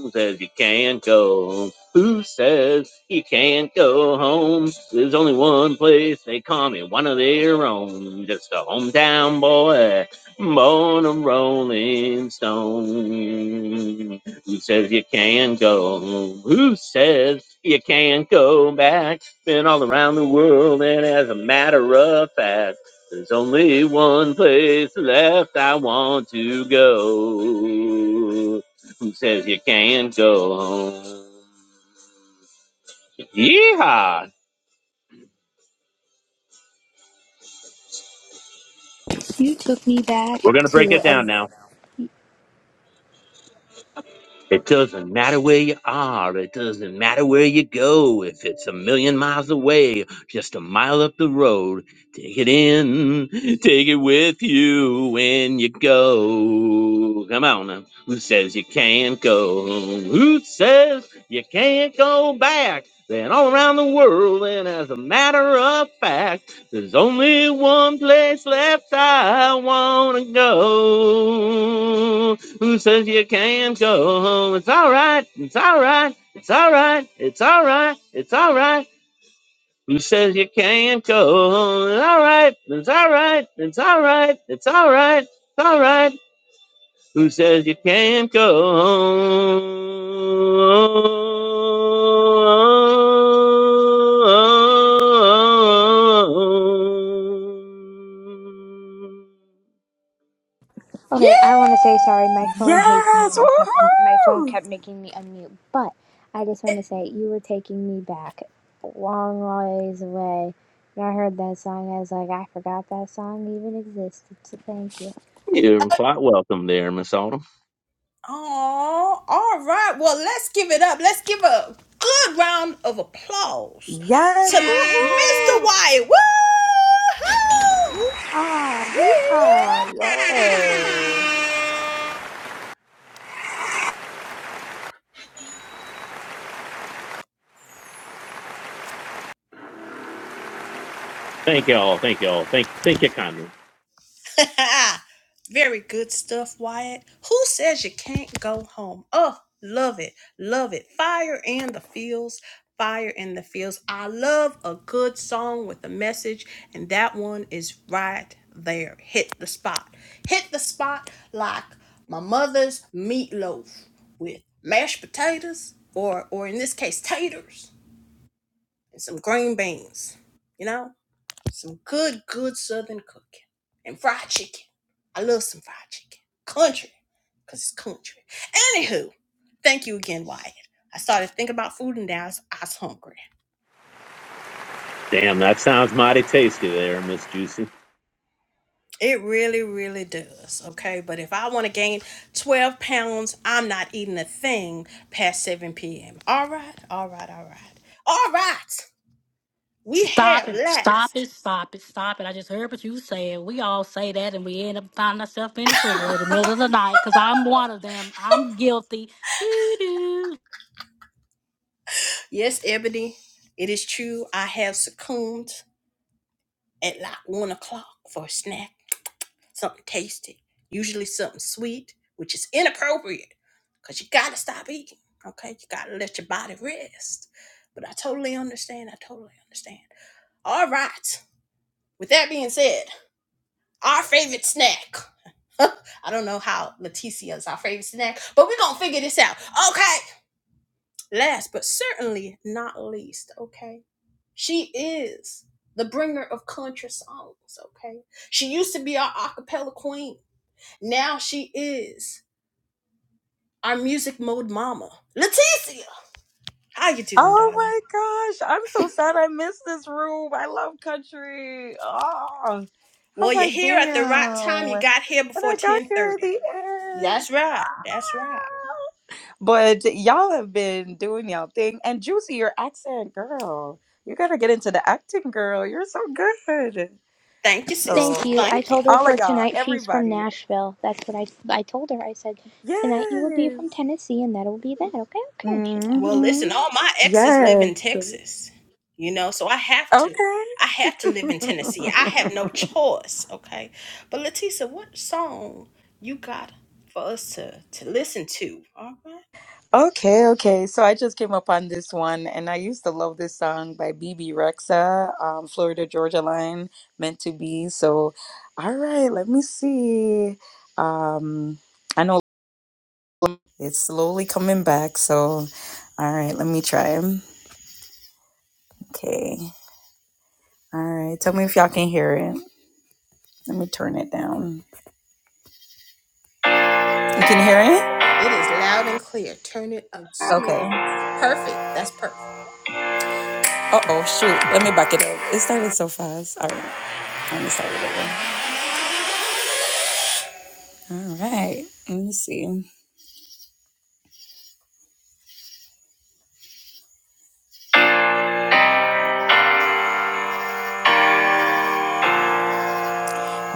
Speaker 10: Who Says you can't go. Who says you can't go home? There's only one place they call me one of their own. Just a hometown boy, born a rolling stone. Who says you can go? Who says you can't go back? Been all around the world, and as a matter of fact, there's only one place left I want to go. Who says you can't go home? Yeehaw!
Speaker 3: You took me back
Speaker 10: We're gonna break
Speaker 3: to
Speaker 10: it down now.
Speaker 3: a.
Speaker 10: It doesn't matter where you are. It doesn't matter where you go. If it's a million miles away, just a mile up the road, take it in. Take it with you when you go. Come on now. Who says you can't go? Who says you can't go back? Then all around the world, and as a matter of fact, there's only one place left I wanna go. Who says you can't go home? It's all right. It's all right. It's all right. It's all right. It's all right. Who says you can't go home? It's all right. It's all right. It's all right. It's all right. It's all right. Who says you can't go home?
Speaker 3: Okay, I want to say sorry. My phone hates me,
Speaker 11: Yes,
Speaker 3: and I kept my phone
Speaker 11: woohoo!
Speaker 3: kept making me unmute. But I just
Speaker 1: Yeah.
Speaker 3: want to say you were taking me back a long ways away. When I heard that song, I was like, I forgot that song even existed. So thank you,
Speaker 10: You're quite welcome there, Miss Autumn.
Speaker 1: Oh, all right. Well, let's give it up. Let's give a good round of applause
Speaker 11: Yes,
Speaker 1: to Mr.
Speaker 11: woohoo!
Speaker 1: Wyatt. Woo!
Speaker 11: Yeehaw,
Speaker 1: Yeah!
Speaker 11: yeehaw, yes.
Speaker 10: Thank y'all. Thank y'all. Thank thank you kindly.
Speaker 1: Ah, very good stuff, Wyatt. Who says you can't go home? Oh, love it. Love it. Fire in the fields. Fire in the fields. I love a good song with a message, and that one is right there. Hit the spot. Hit the spot like my mother's meatloaf with mashed potatoes, or or in this case, taters and some green beans. You know? Some good, good southern cooking. And fried chicken. I love some fried chicken. Country. Because it's country. Anywho, thank you again, Wyatt. I started thinking about food and now I was I was hungry.
Speaker 10: Damn, that sounds mighty tasty there, Miss Juicy.
Speaker 1: It really, really does. Okay. But if I want to gain 12 pounds, I'm not eating a thing past 7 p.m. All right. All right. All right. All right. We
Speaker 6: Stop
Speaker 1: have
Speaker 6: it, stop
Speaker 1: last.
Speaker 6: it, stop it, stop it. I just heard what you said. We all say that and we end up finding ourselves in the refrigerator in the middle of the night because I'm one of them. I'm guilty. Doo doo.
Speaker 1: Yes, Ebony, it is true. I have succumbed at like 1 o'clock for a snack something tasty, usually something sweet, which is inappropriate because you got to stop eating. Okay, you got to let your body rest. But I totally understand. I totally understand. All right. With that being said, our favorite snack. I don't know how Leticia is our favorite snack, but we're going to figure this out. Okay. Last but certainly not least, okay, she is the bringer of country songs, okay? She used to be our acapella queen. Now she is our music mode mama, Leticia. How you doing,
Speaker 11: Oh my
Speaker 1: darling?
Speaker 11: gosh, I'm so sad I missed this room. I love country. Oh, I'm
Speaker 1: Well, you're
Speaker 11: like,
Speaker 1: here at the right time. You
Speaker 11: damn.
Speaker 1: got here
Speaker 11: And
Speaker 1: before
Speaker 11: I got here at
Speaker 1: 1030.
Speaker 11: the end.
Speaker 1: That's right. That's right.
Speaker 11: Ah! But y'all have been doing y'all thing. And Juicy, your accent, girl. You gotta get into the acting, girl. You're so good.
Speaker 1: Thank you, sister.
Speaker 3: thank
Speaker 11: So
Speaker 3: you. I
Speaker 1: Thank you.
Speaker 3: told her
Speaker 11: all of
Speaker 3: for
Speaker 11: y'all,
Speaker 3: tonight. She's from
Speaker 11: everybody.
Speaker 3: Nashville. That's what I I told her. I said tonight you will be
Speaker 11: Yes.
Speaker 3: from Tennessee, and that'll be that. Okay, okay. And she laughed
Speaker 1: Well,
Speaker 3: at me.
Speaker 11: hmm
Speaker 1: listen, all my exes live
Speaker 11: Yes.
Speaker 1: in Texas, you know, so I have to.
Speaker 11: Okay.
Speaker 1: I have to live in Tennessee. I have no choice, okay? But Leticia, what song you got for us to, to listen to? All right.
Speaker 11: okay, okay. So I just came up on this one and I used to love this song by BB Rexa, um, Florida Georgia Line, meant to be. So all right, let me see. Um I know It's slowly coming back. So, all right, let me try. Okay. All right. Tell me if y'all can hear it. Let me turn it down. You can hear it?
Speaker 1: It is loud and clear. To a Smith.
Speaker 11: Okay.
Speaker 1: Fit. That's perfect.
Speaker 11: Uh oh, shoot. Let me back it up. It started so fast. All right. Let me start it over. All right. Let me see.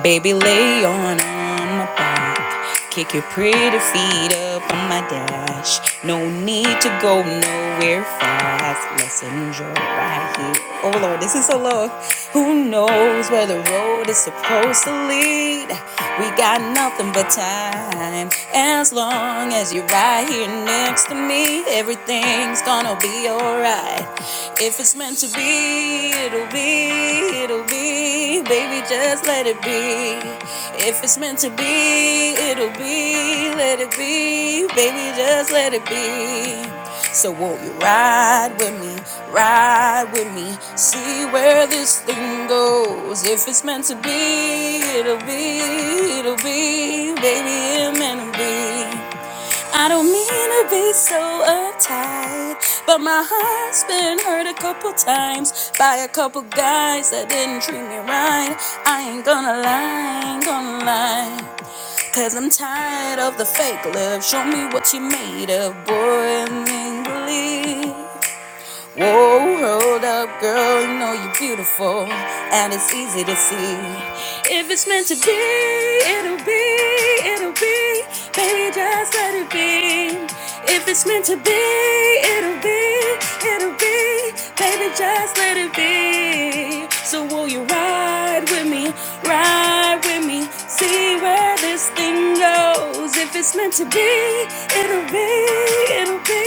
Speaker 11: Baby, lay on, on my back. Kick your pretty feet up on my dash. No need to go nowhere fast. Let's enjoy right here. Oh Lord, this is so low. Who knows where the road is supposed to lead? We got nothing but time. As long as you're right here next to me, everything's gonna be alright. If it's meant to be, it'll be, it'll be be, baby, just let it be. If it's meant to be, it'll be, let it be, baby, just let it be. So won't you ride with me, ride with me, see where this thing goes. If it's meant to be, it'll be, it'll be, baby, it meant to be. I don't mean to be so uptight, but my heart's been hurt a couple times by a couple guys that didn't treat me right. I ain't gonna lie, ain't gonna lie. Cause I'm tired of the fake love. Show me what you made of, boy, and then believe. Whoa, hold up, girl, you know you're beautiful, and it's easy to see. If it's meant to be, it'll be, it'll be, baby, just let it be. If it's meant to be, it'll be, it'll be, baby, just let it be. So will you ride with me, ride with me? See where this thing goes. If it's meant to be, it'll be, it'll be.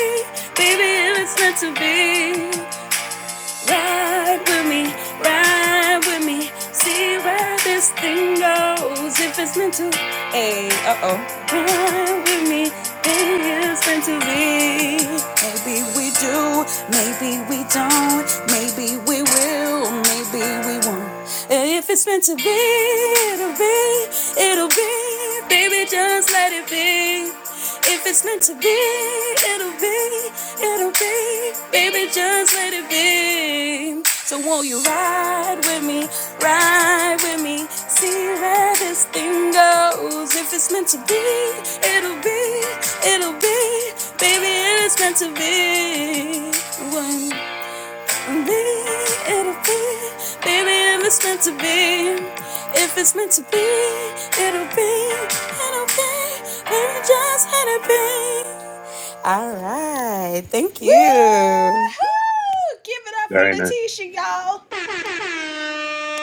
Speaker 11: Baby, if it's meant to be, ride with me, ride with me. See where this thing goes. If it's meant to, hey, uh oh. Ride with me, baby, it's meant to be. Maybe we do, maybe we don't, maybe we will, maybe we want. if it's meant to be, it'll be, it'll be. Baby, just let it be. If it's meant to be, it'll be, it'll be. Baby, just let it be. So won't you ride with me, ride with me, see where this thing goes. If it's meant to be, it'll be, it'll be. Baby, it's meant to be. One. It'll be, baby, if it's meant to be, if it's meant to be, it'll be, it'll be, baby, just let it be. All right, thank
Speaker 1: Woo!
Speaker 11: you.
Speaker 1: Give it up for
Speaker 10: Very nice.
Speaker 1: Leticia, y'all.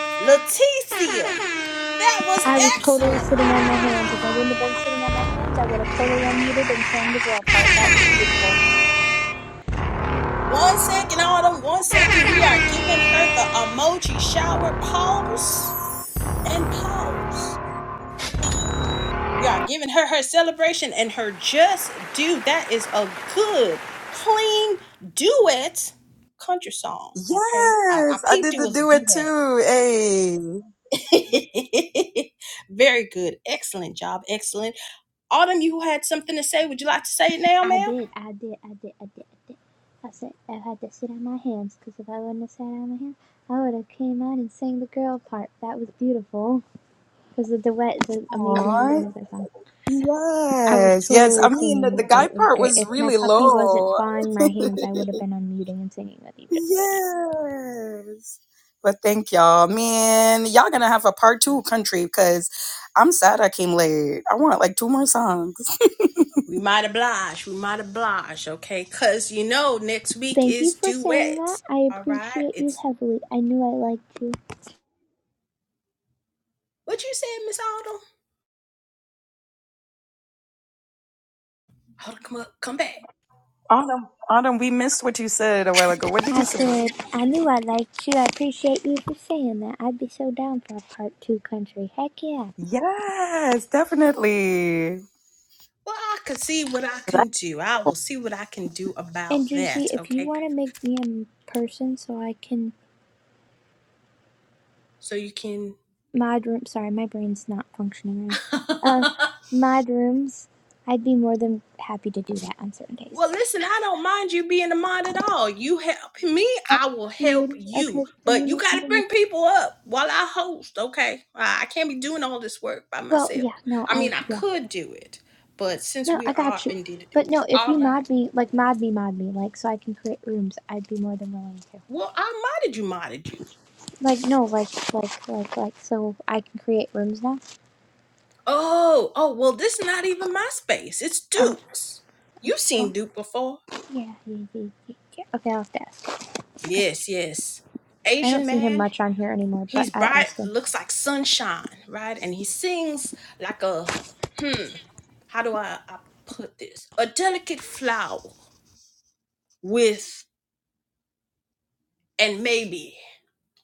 Speaker 1: Leticia, that was
Speaker 3: I was totally
Speaker 1: excellent.
Speaker 3: sitting on my hands. If I wouldn't have been sitting on my hands, I would have totally unmuted and sang the girl part. That was beautiful.
Speaker 1: One second, Autumn. One second, we are giving her the emoji shower pause and pause. We are giving her her celebration and her just due. That is a good, clean duet country song. Okay, I, I
Speaker 11: Yes, I
Speaker 1: peeped
Speaker 11: did
Speaker 1: it
Speaker 11: the
Speaker 1: was a
Speaker 11: do it
Speaker 1: duet.
Speaker 11: too. Hey,
Speaker 1: Very good. Excellent job. Excellent. Autumn, you had something to say. Would you like to say it now,
Speaker 3: I
Speaker 1: ma'am?
Speaker 3: did, I did, I did, I did, I did. I said I had to sit on my hands because if I wouldn't have sat on my hands, I would have came out and sang the girl part. That was beautiful because the duet is an amazing
Speaker 11: Aw,
Speaker 3: version of that song. I was
Speaker 11: yes, yes. I
Speaker 3: totally
Speaker 11: mean, the,
Speaker 3: singing
Speaker 11: the
Speaker 3: it though.
Speaker 11: guy
Speaker 3: It was
Speaker 11: part
Speaker 3: great.
Speaker 11: was
Speaker 3: If my
Speaker 11: really
Speaker 3: puppy wasn't
Speaker 11: low.
Speaker 3: pawing my hands, I would have been unmuting and singing with you. Just so you.
Speaker 11: Yes. But thank y'all, man. Y'all gonna have a part two country because I'm sad I came late. I want like two more songs.
Speaker 1: We might oblige. We might oblige, okay? Because you know, next week
Speaker 3: Thank you
Speaker 1: is
Speaker 3: for saying that.
Speaker 1: duets.
Speaker 3: I
Speaker 1: All right?
Speaker 3: appreciate you
Speaker 1: It's
Speaker 3: heavily. I knew I liked you.
Speaker 1: what you said, Miss Autumn. Autumn, come up, come back.
Speaker 11: Autumn, Autumn, we missed what you said a while ago. What did
Speaker 3: I
Speaker 11: you say?
Speaker 3: said, I knew I liked you. I appreciate you for saying that. I'd be so down for a part two country. Heck yeah.
Speaker 11: Yes, definitely.
Speaker 1: Well, I can see what I can do. I will see what I can do about
Speaker 3: And Juicy,
Speaker 1: that,
Speaker 3: if you
Speaker 1: okay?
Speaker 3: want to make me a person so I can
Speaker 1: So you can.
Speaker 3: mod room, sorry, my brain's not functioning right now. Uh, mod rooms, I'd be more than happy to do that on certain days.
Speaker 1: Well, listen, I don't mind you being the mod at all. You help me,
Speaker 3: Uh,
Speaker 1: I will help
Speaker 3: creating,
Speaker 1: you.
Speaker 3: okay, can you
Speaker 1: But you
Speaker 3: make
Speaker 1: got to
Speaker 3: me a,
Speaker 1: bring people up while I host, okay? I I can't be doing all this work by
Speaker 3: well,
Speaker 1: myself.
Speaker 3: yeah, no,
Speaker 1: I mean,
Speaker 3: I,
Speaker 1: I
Speaker 3: yeah,
Speaker 1: could do it, but since
Speaker 3: no,
Speaker 1: we
Speaker 3: I
Speaker 1: are
Speaker 3: got you.
Speaker 1: indeed to do
Speaker 3: But
Speaker 1: it.
Speaker 3: no, if
Speaker 1: All
Speaker 3: you
Speaker 1: right.
Speaker 3: mod me, like mod me, mod me, like so I can create rooms, I'd be more than willing to.
Speaker 1: Well, I modded you, modded you.
Speaker 3: Like no, like like like like so I can create rooms now.
Speaker 1: Oh, oh, well, this is not even my space. It's
Speaker 3: Oh
Speaker 1: Duke's. You've
Speaker 3: well,
Speaker 1: seen Duke before.
Speaker 3: yeah, yeah, yeah, yeah, yeah. Okay, I'll have to ask. Okay,
Speaker 1: Yes, yes.
Speaker 3: I
Speaker 1: Asian
Speaker 3: don't see him
Speaker 1: man.
Speaker 3: much on here anymore, but
Speaker 1: He's
Speaker 3: I'll
Speaker 1: bright,
Speaker 3: ask him.
Speaker 1: looks like sunshine, right? And he sings like a hmm, how do I, I put this? A delicate flower with and maybe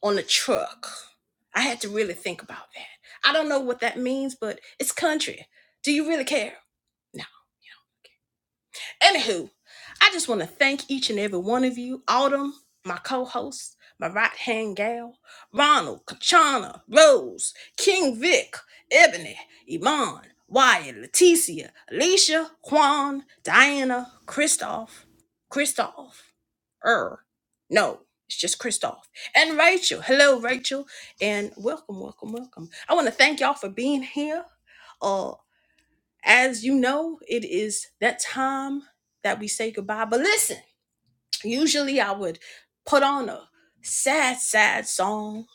Speaker 1: on a truck. I had to really think about that. I don't know what that means, but it's country. Do you really care? No. Anywho, I just want to thank each and every one of you, Autumn, my co-host, my right-hand gal, Ronald, Kachana, Rose, King Vic, Ebony, Iman, Wyatt, Leticia, Alicia, Juan, Diana, Christoph, Christoph, Er, no, it's just Christoph, and Rachel. Hello, Rachel, and welcome, welcome, welcome. I want to thank y'all for being here Uh as you know, it is that time that we say goodbye. But listen, usually I would put on a sad, sad song.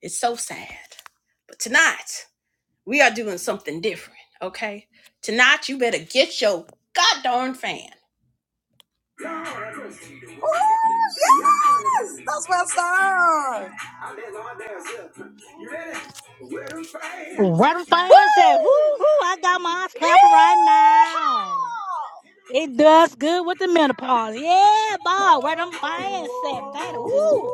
Speaker 1: It's so sad. But tonight, we are doing something different, okay? Tonight, you better get your goddamn fan.
Speaker 11: Oh yes, that's my song.
Speaker 6: Right in
Speaker 1: Woo!
Speaker 6: front of said, woo hoo, I got my eyes clapping right now.
Speaker 1: Yeehaw!
Speaker 6: It does good with the menopause. Yeah, boy, where them fans said, fan, woo.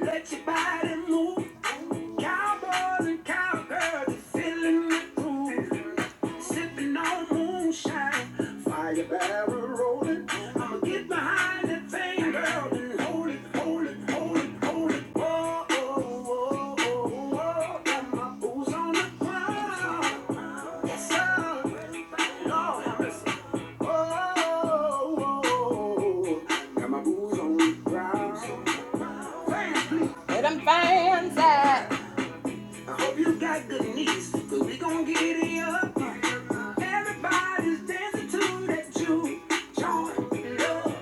Speaker 1: Let your body move. Cowboys and cowgirls are feeling the groove. Sipping on moonshine. Fire barrel rolling. I'ma get my high. girl. Oh, oh, oh, oh, oh. My boots brown. You got good knees, cause we gon' get it up. Everybody's dancing to that juke joint. Love,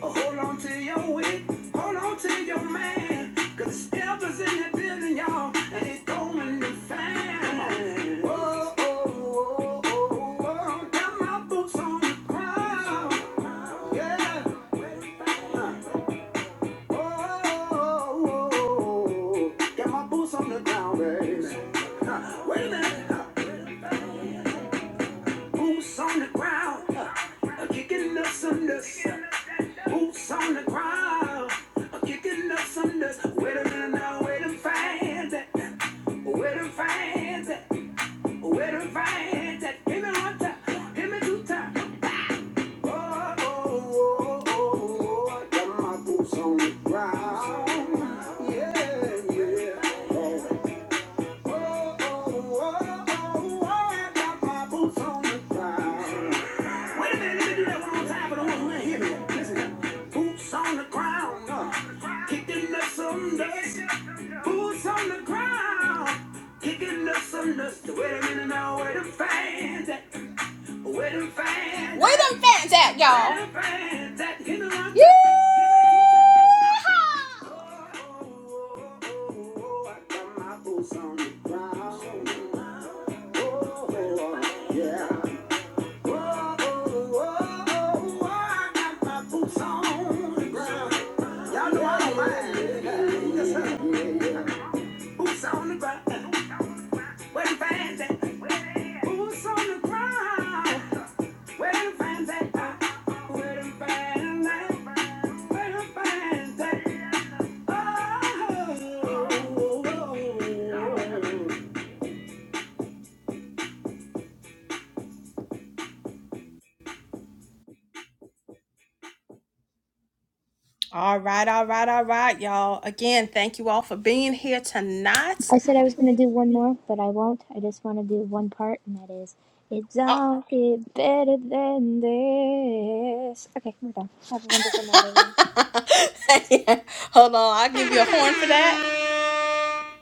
Speaker 1: oh, hold on to your wit, hold on to your man, cause the step is in y'all. And fast, oh, oh, oh, oh, got my boots on the ground, Oh, got my boots on the ground, uh, kicking up some dust, boots on the ground, uh, kicking up some dust. Wait a minute now, wait a fast, wait a fast. With a friend that give me one time, give me two time. Oh, oh, oh, oh, oh, got my boots on the ground. Yeah, yeah. Oh, oh, oh, oh, oh, oh, I got my boots on the ground. Wait a minute, let me do that one more time for the ones who did hear me. Listen Boots on the ground. Uh, kicking up some dust. Boots on the ground. Kicking up some dust. Wait a minute now, where the find that? Where them fans Where them fans at, y'all? yeah alright alright alright you All right, all right, all right, y'all. Again, thank you all for being here tonight.
Speaker 3: I said I was gonna do one more, but I won't. I just want to do one part, and that is, it's
Speaker 1: Uh,
Speaker 3: all get better than this. Okay, we're done. Have a wonderful night, everyone.
Speaker 1: hold on, I'll give you a horn for that.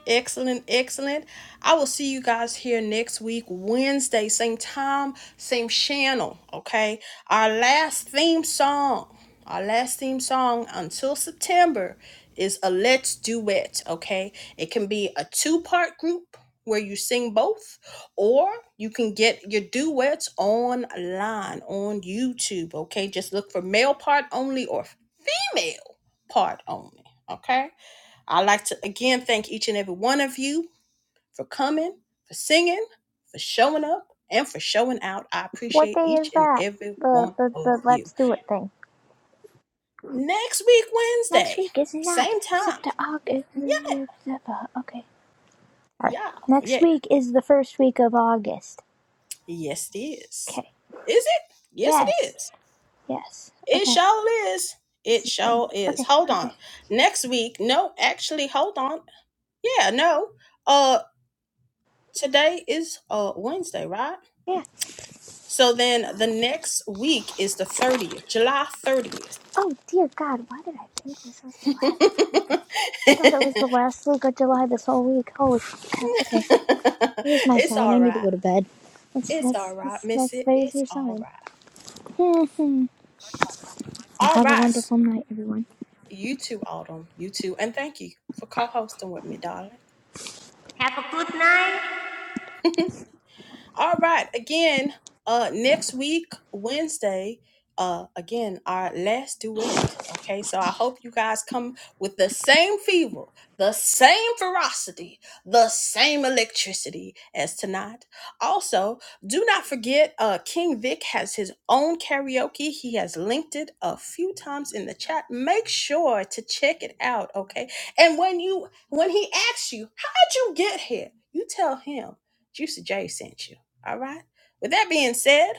Speaker 1: Excellent, excellent. I will see you guys here next week, Wednesday, same time, same channel. Okay. Our last theme song, our last theme song until September is a Let's Duet. Okay. It can be a two part group where you sing both, or you can get your duets online on YouTube. Okay. Just look for male part only or female part only. Okay. I'd like to again thank each and every one of you for coming, for singing, for showing up, and for showing out. I
Speaker 3: What
Speaker 1: appreciate
Speaker 3: day
Speaker 1: each
Speaker 3: is
Speaker 1: and
Speaker 3: that?
Speaker 1: every
Speaker 3: The
Speaker 1: one
Speaker 3: the
Speaker 1: of
Speaker 3: the
Speaker 1: you.
Speaker 3: let's do it thing.
Speaker 1: Next week,
Speaker 3: Next
Speaker 1: Wednesday,
Speaker 3: week is not
Speaker 1: same time.
Speaker 3: September. August.
Speaker 1: Yeah,
Speaker 3: Okay. Sorry.
Speaker 1: y'all.
Speaker 3: Next
Speaker 1: Yeah,
Speaker 3: week is the first week of August.
Speaker 1: yes, it is.
Speaker 3: Okay.
Speaker 1: Is it? Yes, it
Speaker 3: Yes.
Speaker 1: is.
Speaker 3: Yes.
Speaker 1: It
Speaker 3: Okay.
Speaker 1: sure is.
Speaker 3: That's
Speaker 1: It
Speaker 3: the thing.
Speaker 1: sure is.
Speaker 3: Okay.
Speaker 1: Hold on.
Speaker 3: Okay.
Speaker 1: Next week, no, actually, hold on. Yeah, no. Uh, today is uh Wednesday, right?
Speaker 3: Yeah.
Speaker 1: So then the next week is the 30th, July 30th.
Speaker 3: Oh dear God, why did I think this was the last? I thought it was the last week of July this whole week. Holy cow. Okay. There's my
Speaker 1: it's
Speaker 3: sign. I
Speaker 1: all
Speaker 3: need to
Speaker 1: right.
Speaker 3: go to bed. That's
Speaker 1: It's all
Speaker 3: that's
Speaker 1: right,
Speaker 3: that's,
Speaker 1: miss
Speaker 3: that's
Speaker 1: it.
Speaker 3: there's
Speaker 1: It's
Speaker 3: your
Speaker 1: all
Speaker 3: sign.
Speaker 1: right.
Speaker 3: well,
Speaker 1: All
Speaker 3: have a
Speaker 1: right.
Speaker 3: wonderful night, everyone.
Speaker 1: You too, Autumn. You too. And thank you for co hosting with me, darling.
Speaker 4: Have a good night.
Speaker 1: All right. Again, uh next week, Wednesday, uh again, our last duet. Okay, so I hope you guys come with the same fever, the same ferocity, the same electricity as tonight. Also, do not forget uh King Vic has his own karaoke. He has linked it a few times in the chat. Make sure to check it out, okay? And when you when he asks you, how'd you get here? You tell him Juicy J sent you. All right. With that being said,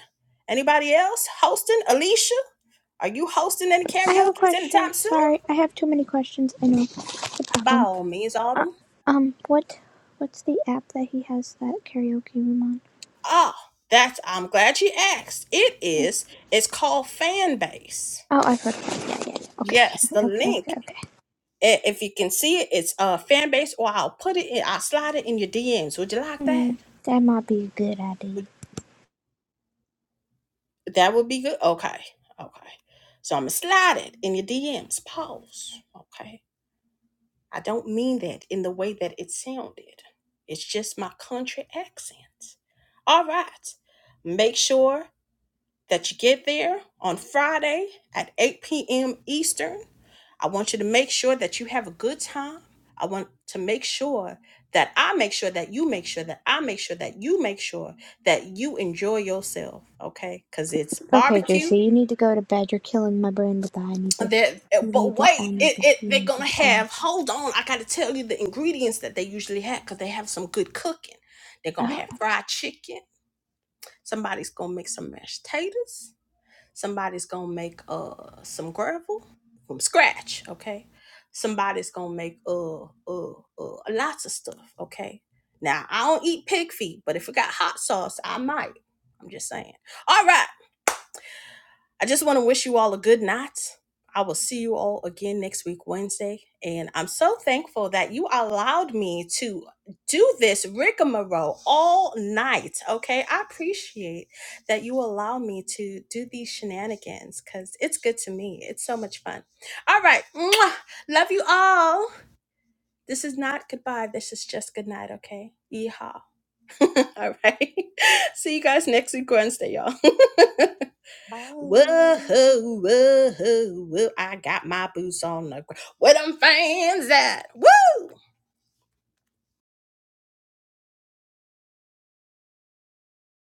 Speaker 1: anybody else hosting? Alicia, are you hosting any
Speaker 3: I have a
Speaker 1: karaoke's
Speaker 3: question.
Speaker 1: anytime soon?
Speaker 3: Sorry, I have too many questions. I know the
Speaker 1: By
Speaker 3: problem.
Speaker 1: all means,
Speaker 3: Uh,
Speaker 1: Autumn.
Speaker 3: um, what what's the app that he has that karaoke room
Speaker 1: Ah, that's I'm glad you asked. It
Speaker 3: on?
Speaker 1: is. It's called Fanbase.
Speaker 3: Oh, I've heard of it. Yeah, yeah, yeah. Okay,
Speaker 1: Yes, the
Speaker 3: okay, okay,
Speaker 1: link.
Speaker 3: okay.
Speaker 1: i- If you can see it, it's uh Fanbase. or I'll put it in. I'll slide it in your DMs. Would you like
Speaker 3: Hmm,
Speaker 1: that?
Speaker 3: that might be a good
Speaker 1: Would-
Speaker 3: idea.
Speaker 1: That would be good. Okay. Okay. So I'm gonna slide it in your DMs. Pause. Okay I don't mean that in the way that it sounded. It's just my country accent. All right. Make sure that you get there on Friday at 8 p.m. Eastern. I want you to make sure that you have a good time. I want to make sure that I make sure that you make sure that I make sure that you make sure that you enjoy yourself, okay? Because it's
Speaker 3: Okay,
Speaker 1: barbecue
Speaker 3: Juicy, you need to go to bed. You're killing my brain with that. I need to.
Speaker 1: that eh,
Speaker 3: You
Speaker 1: but
Speaker 3: need to.
Speaker 1: wait
Speaker 3: I need
Speaker 1: it,
Speaker 3: to.
Speaker 1: it
Speaker 3: You
Speaker 1: they're
Speaker 3: need to.
Speaker 1: gonna
Speaker 3: I need.
Speaker 1: have
Speaker 3: to.
Speaker 1: hold on i gotta tell you the ingredients that they usually have because they have some good cooking they're gonna
Speaker 3: Oh,
Speaker 1: have fried chicken somebody's gonna make some mashed potatoes somebody's gonna make uh some gravel from scratch okay somebody's gonna make uh uh, uh lots of stuff okay now i don't eat pig feet but if it got hot sauce i might i'm just saying all right I just want to wish you all a good night. I will see you all again next week, Wednesday. And I'm so thankful that you allowed me to do this rigmarole all night. Okay. I appreciate that you allow me to do these shenanigans because it's good to me. It's so much fun. All right. Mwah. Love you all. This is not goodbye. This is just good night. Okay. Yeehaw. all right. see you guys next week, Wednesday, y'all. Whoa,
Speaker 11: Bye.
Speaker 1: whoa, whoa. I got my boots on the ground. Where them fans at? Woo!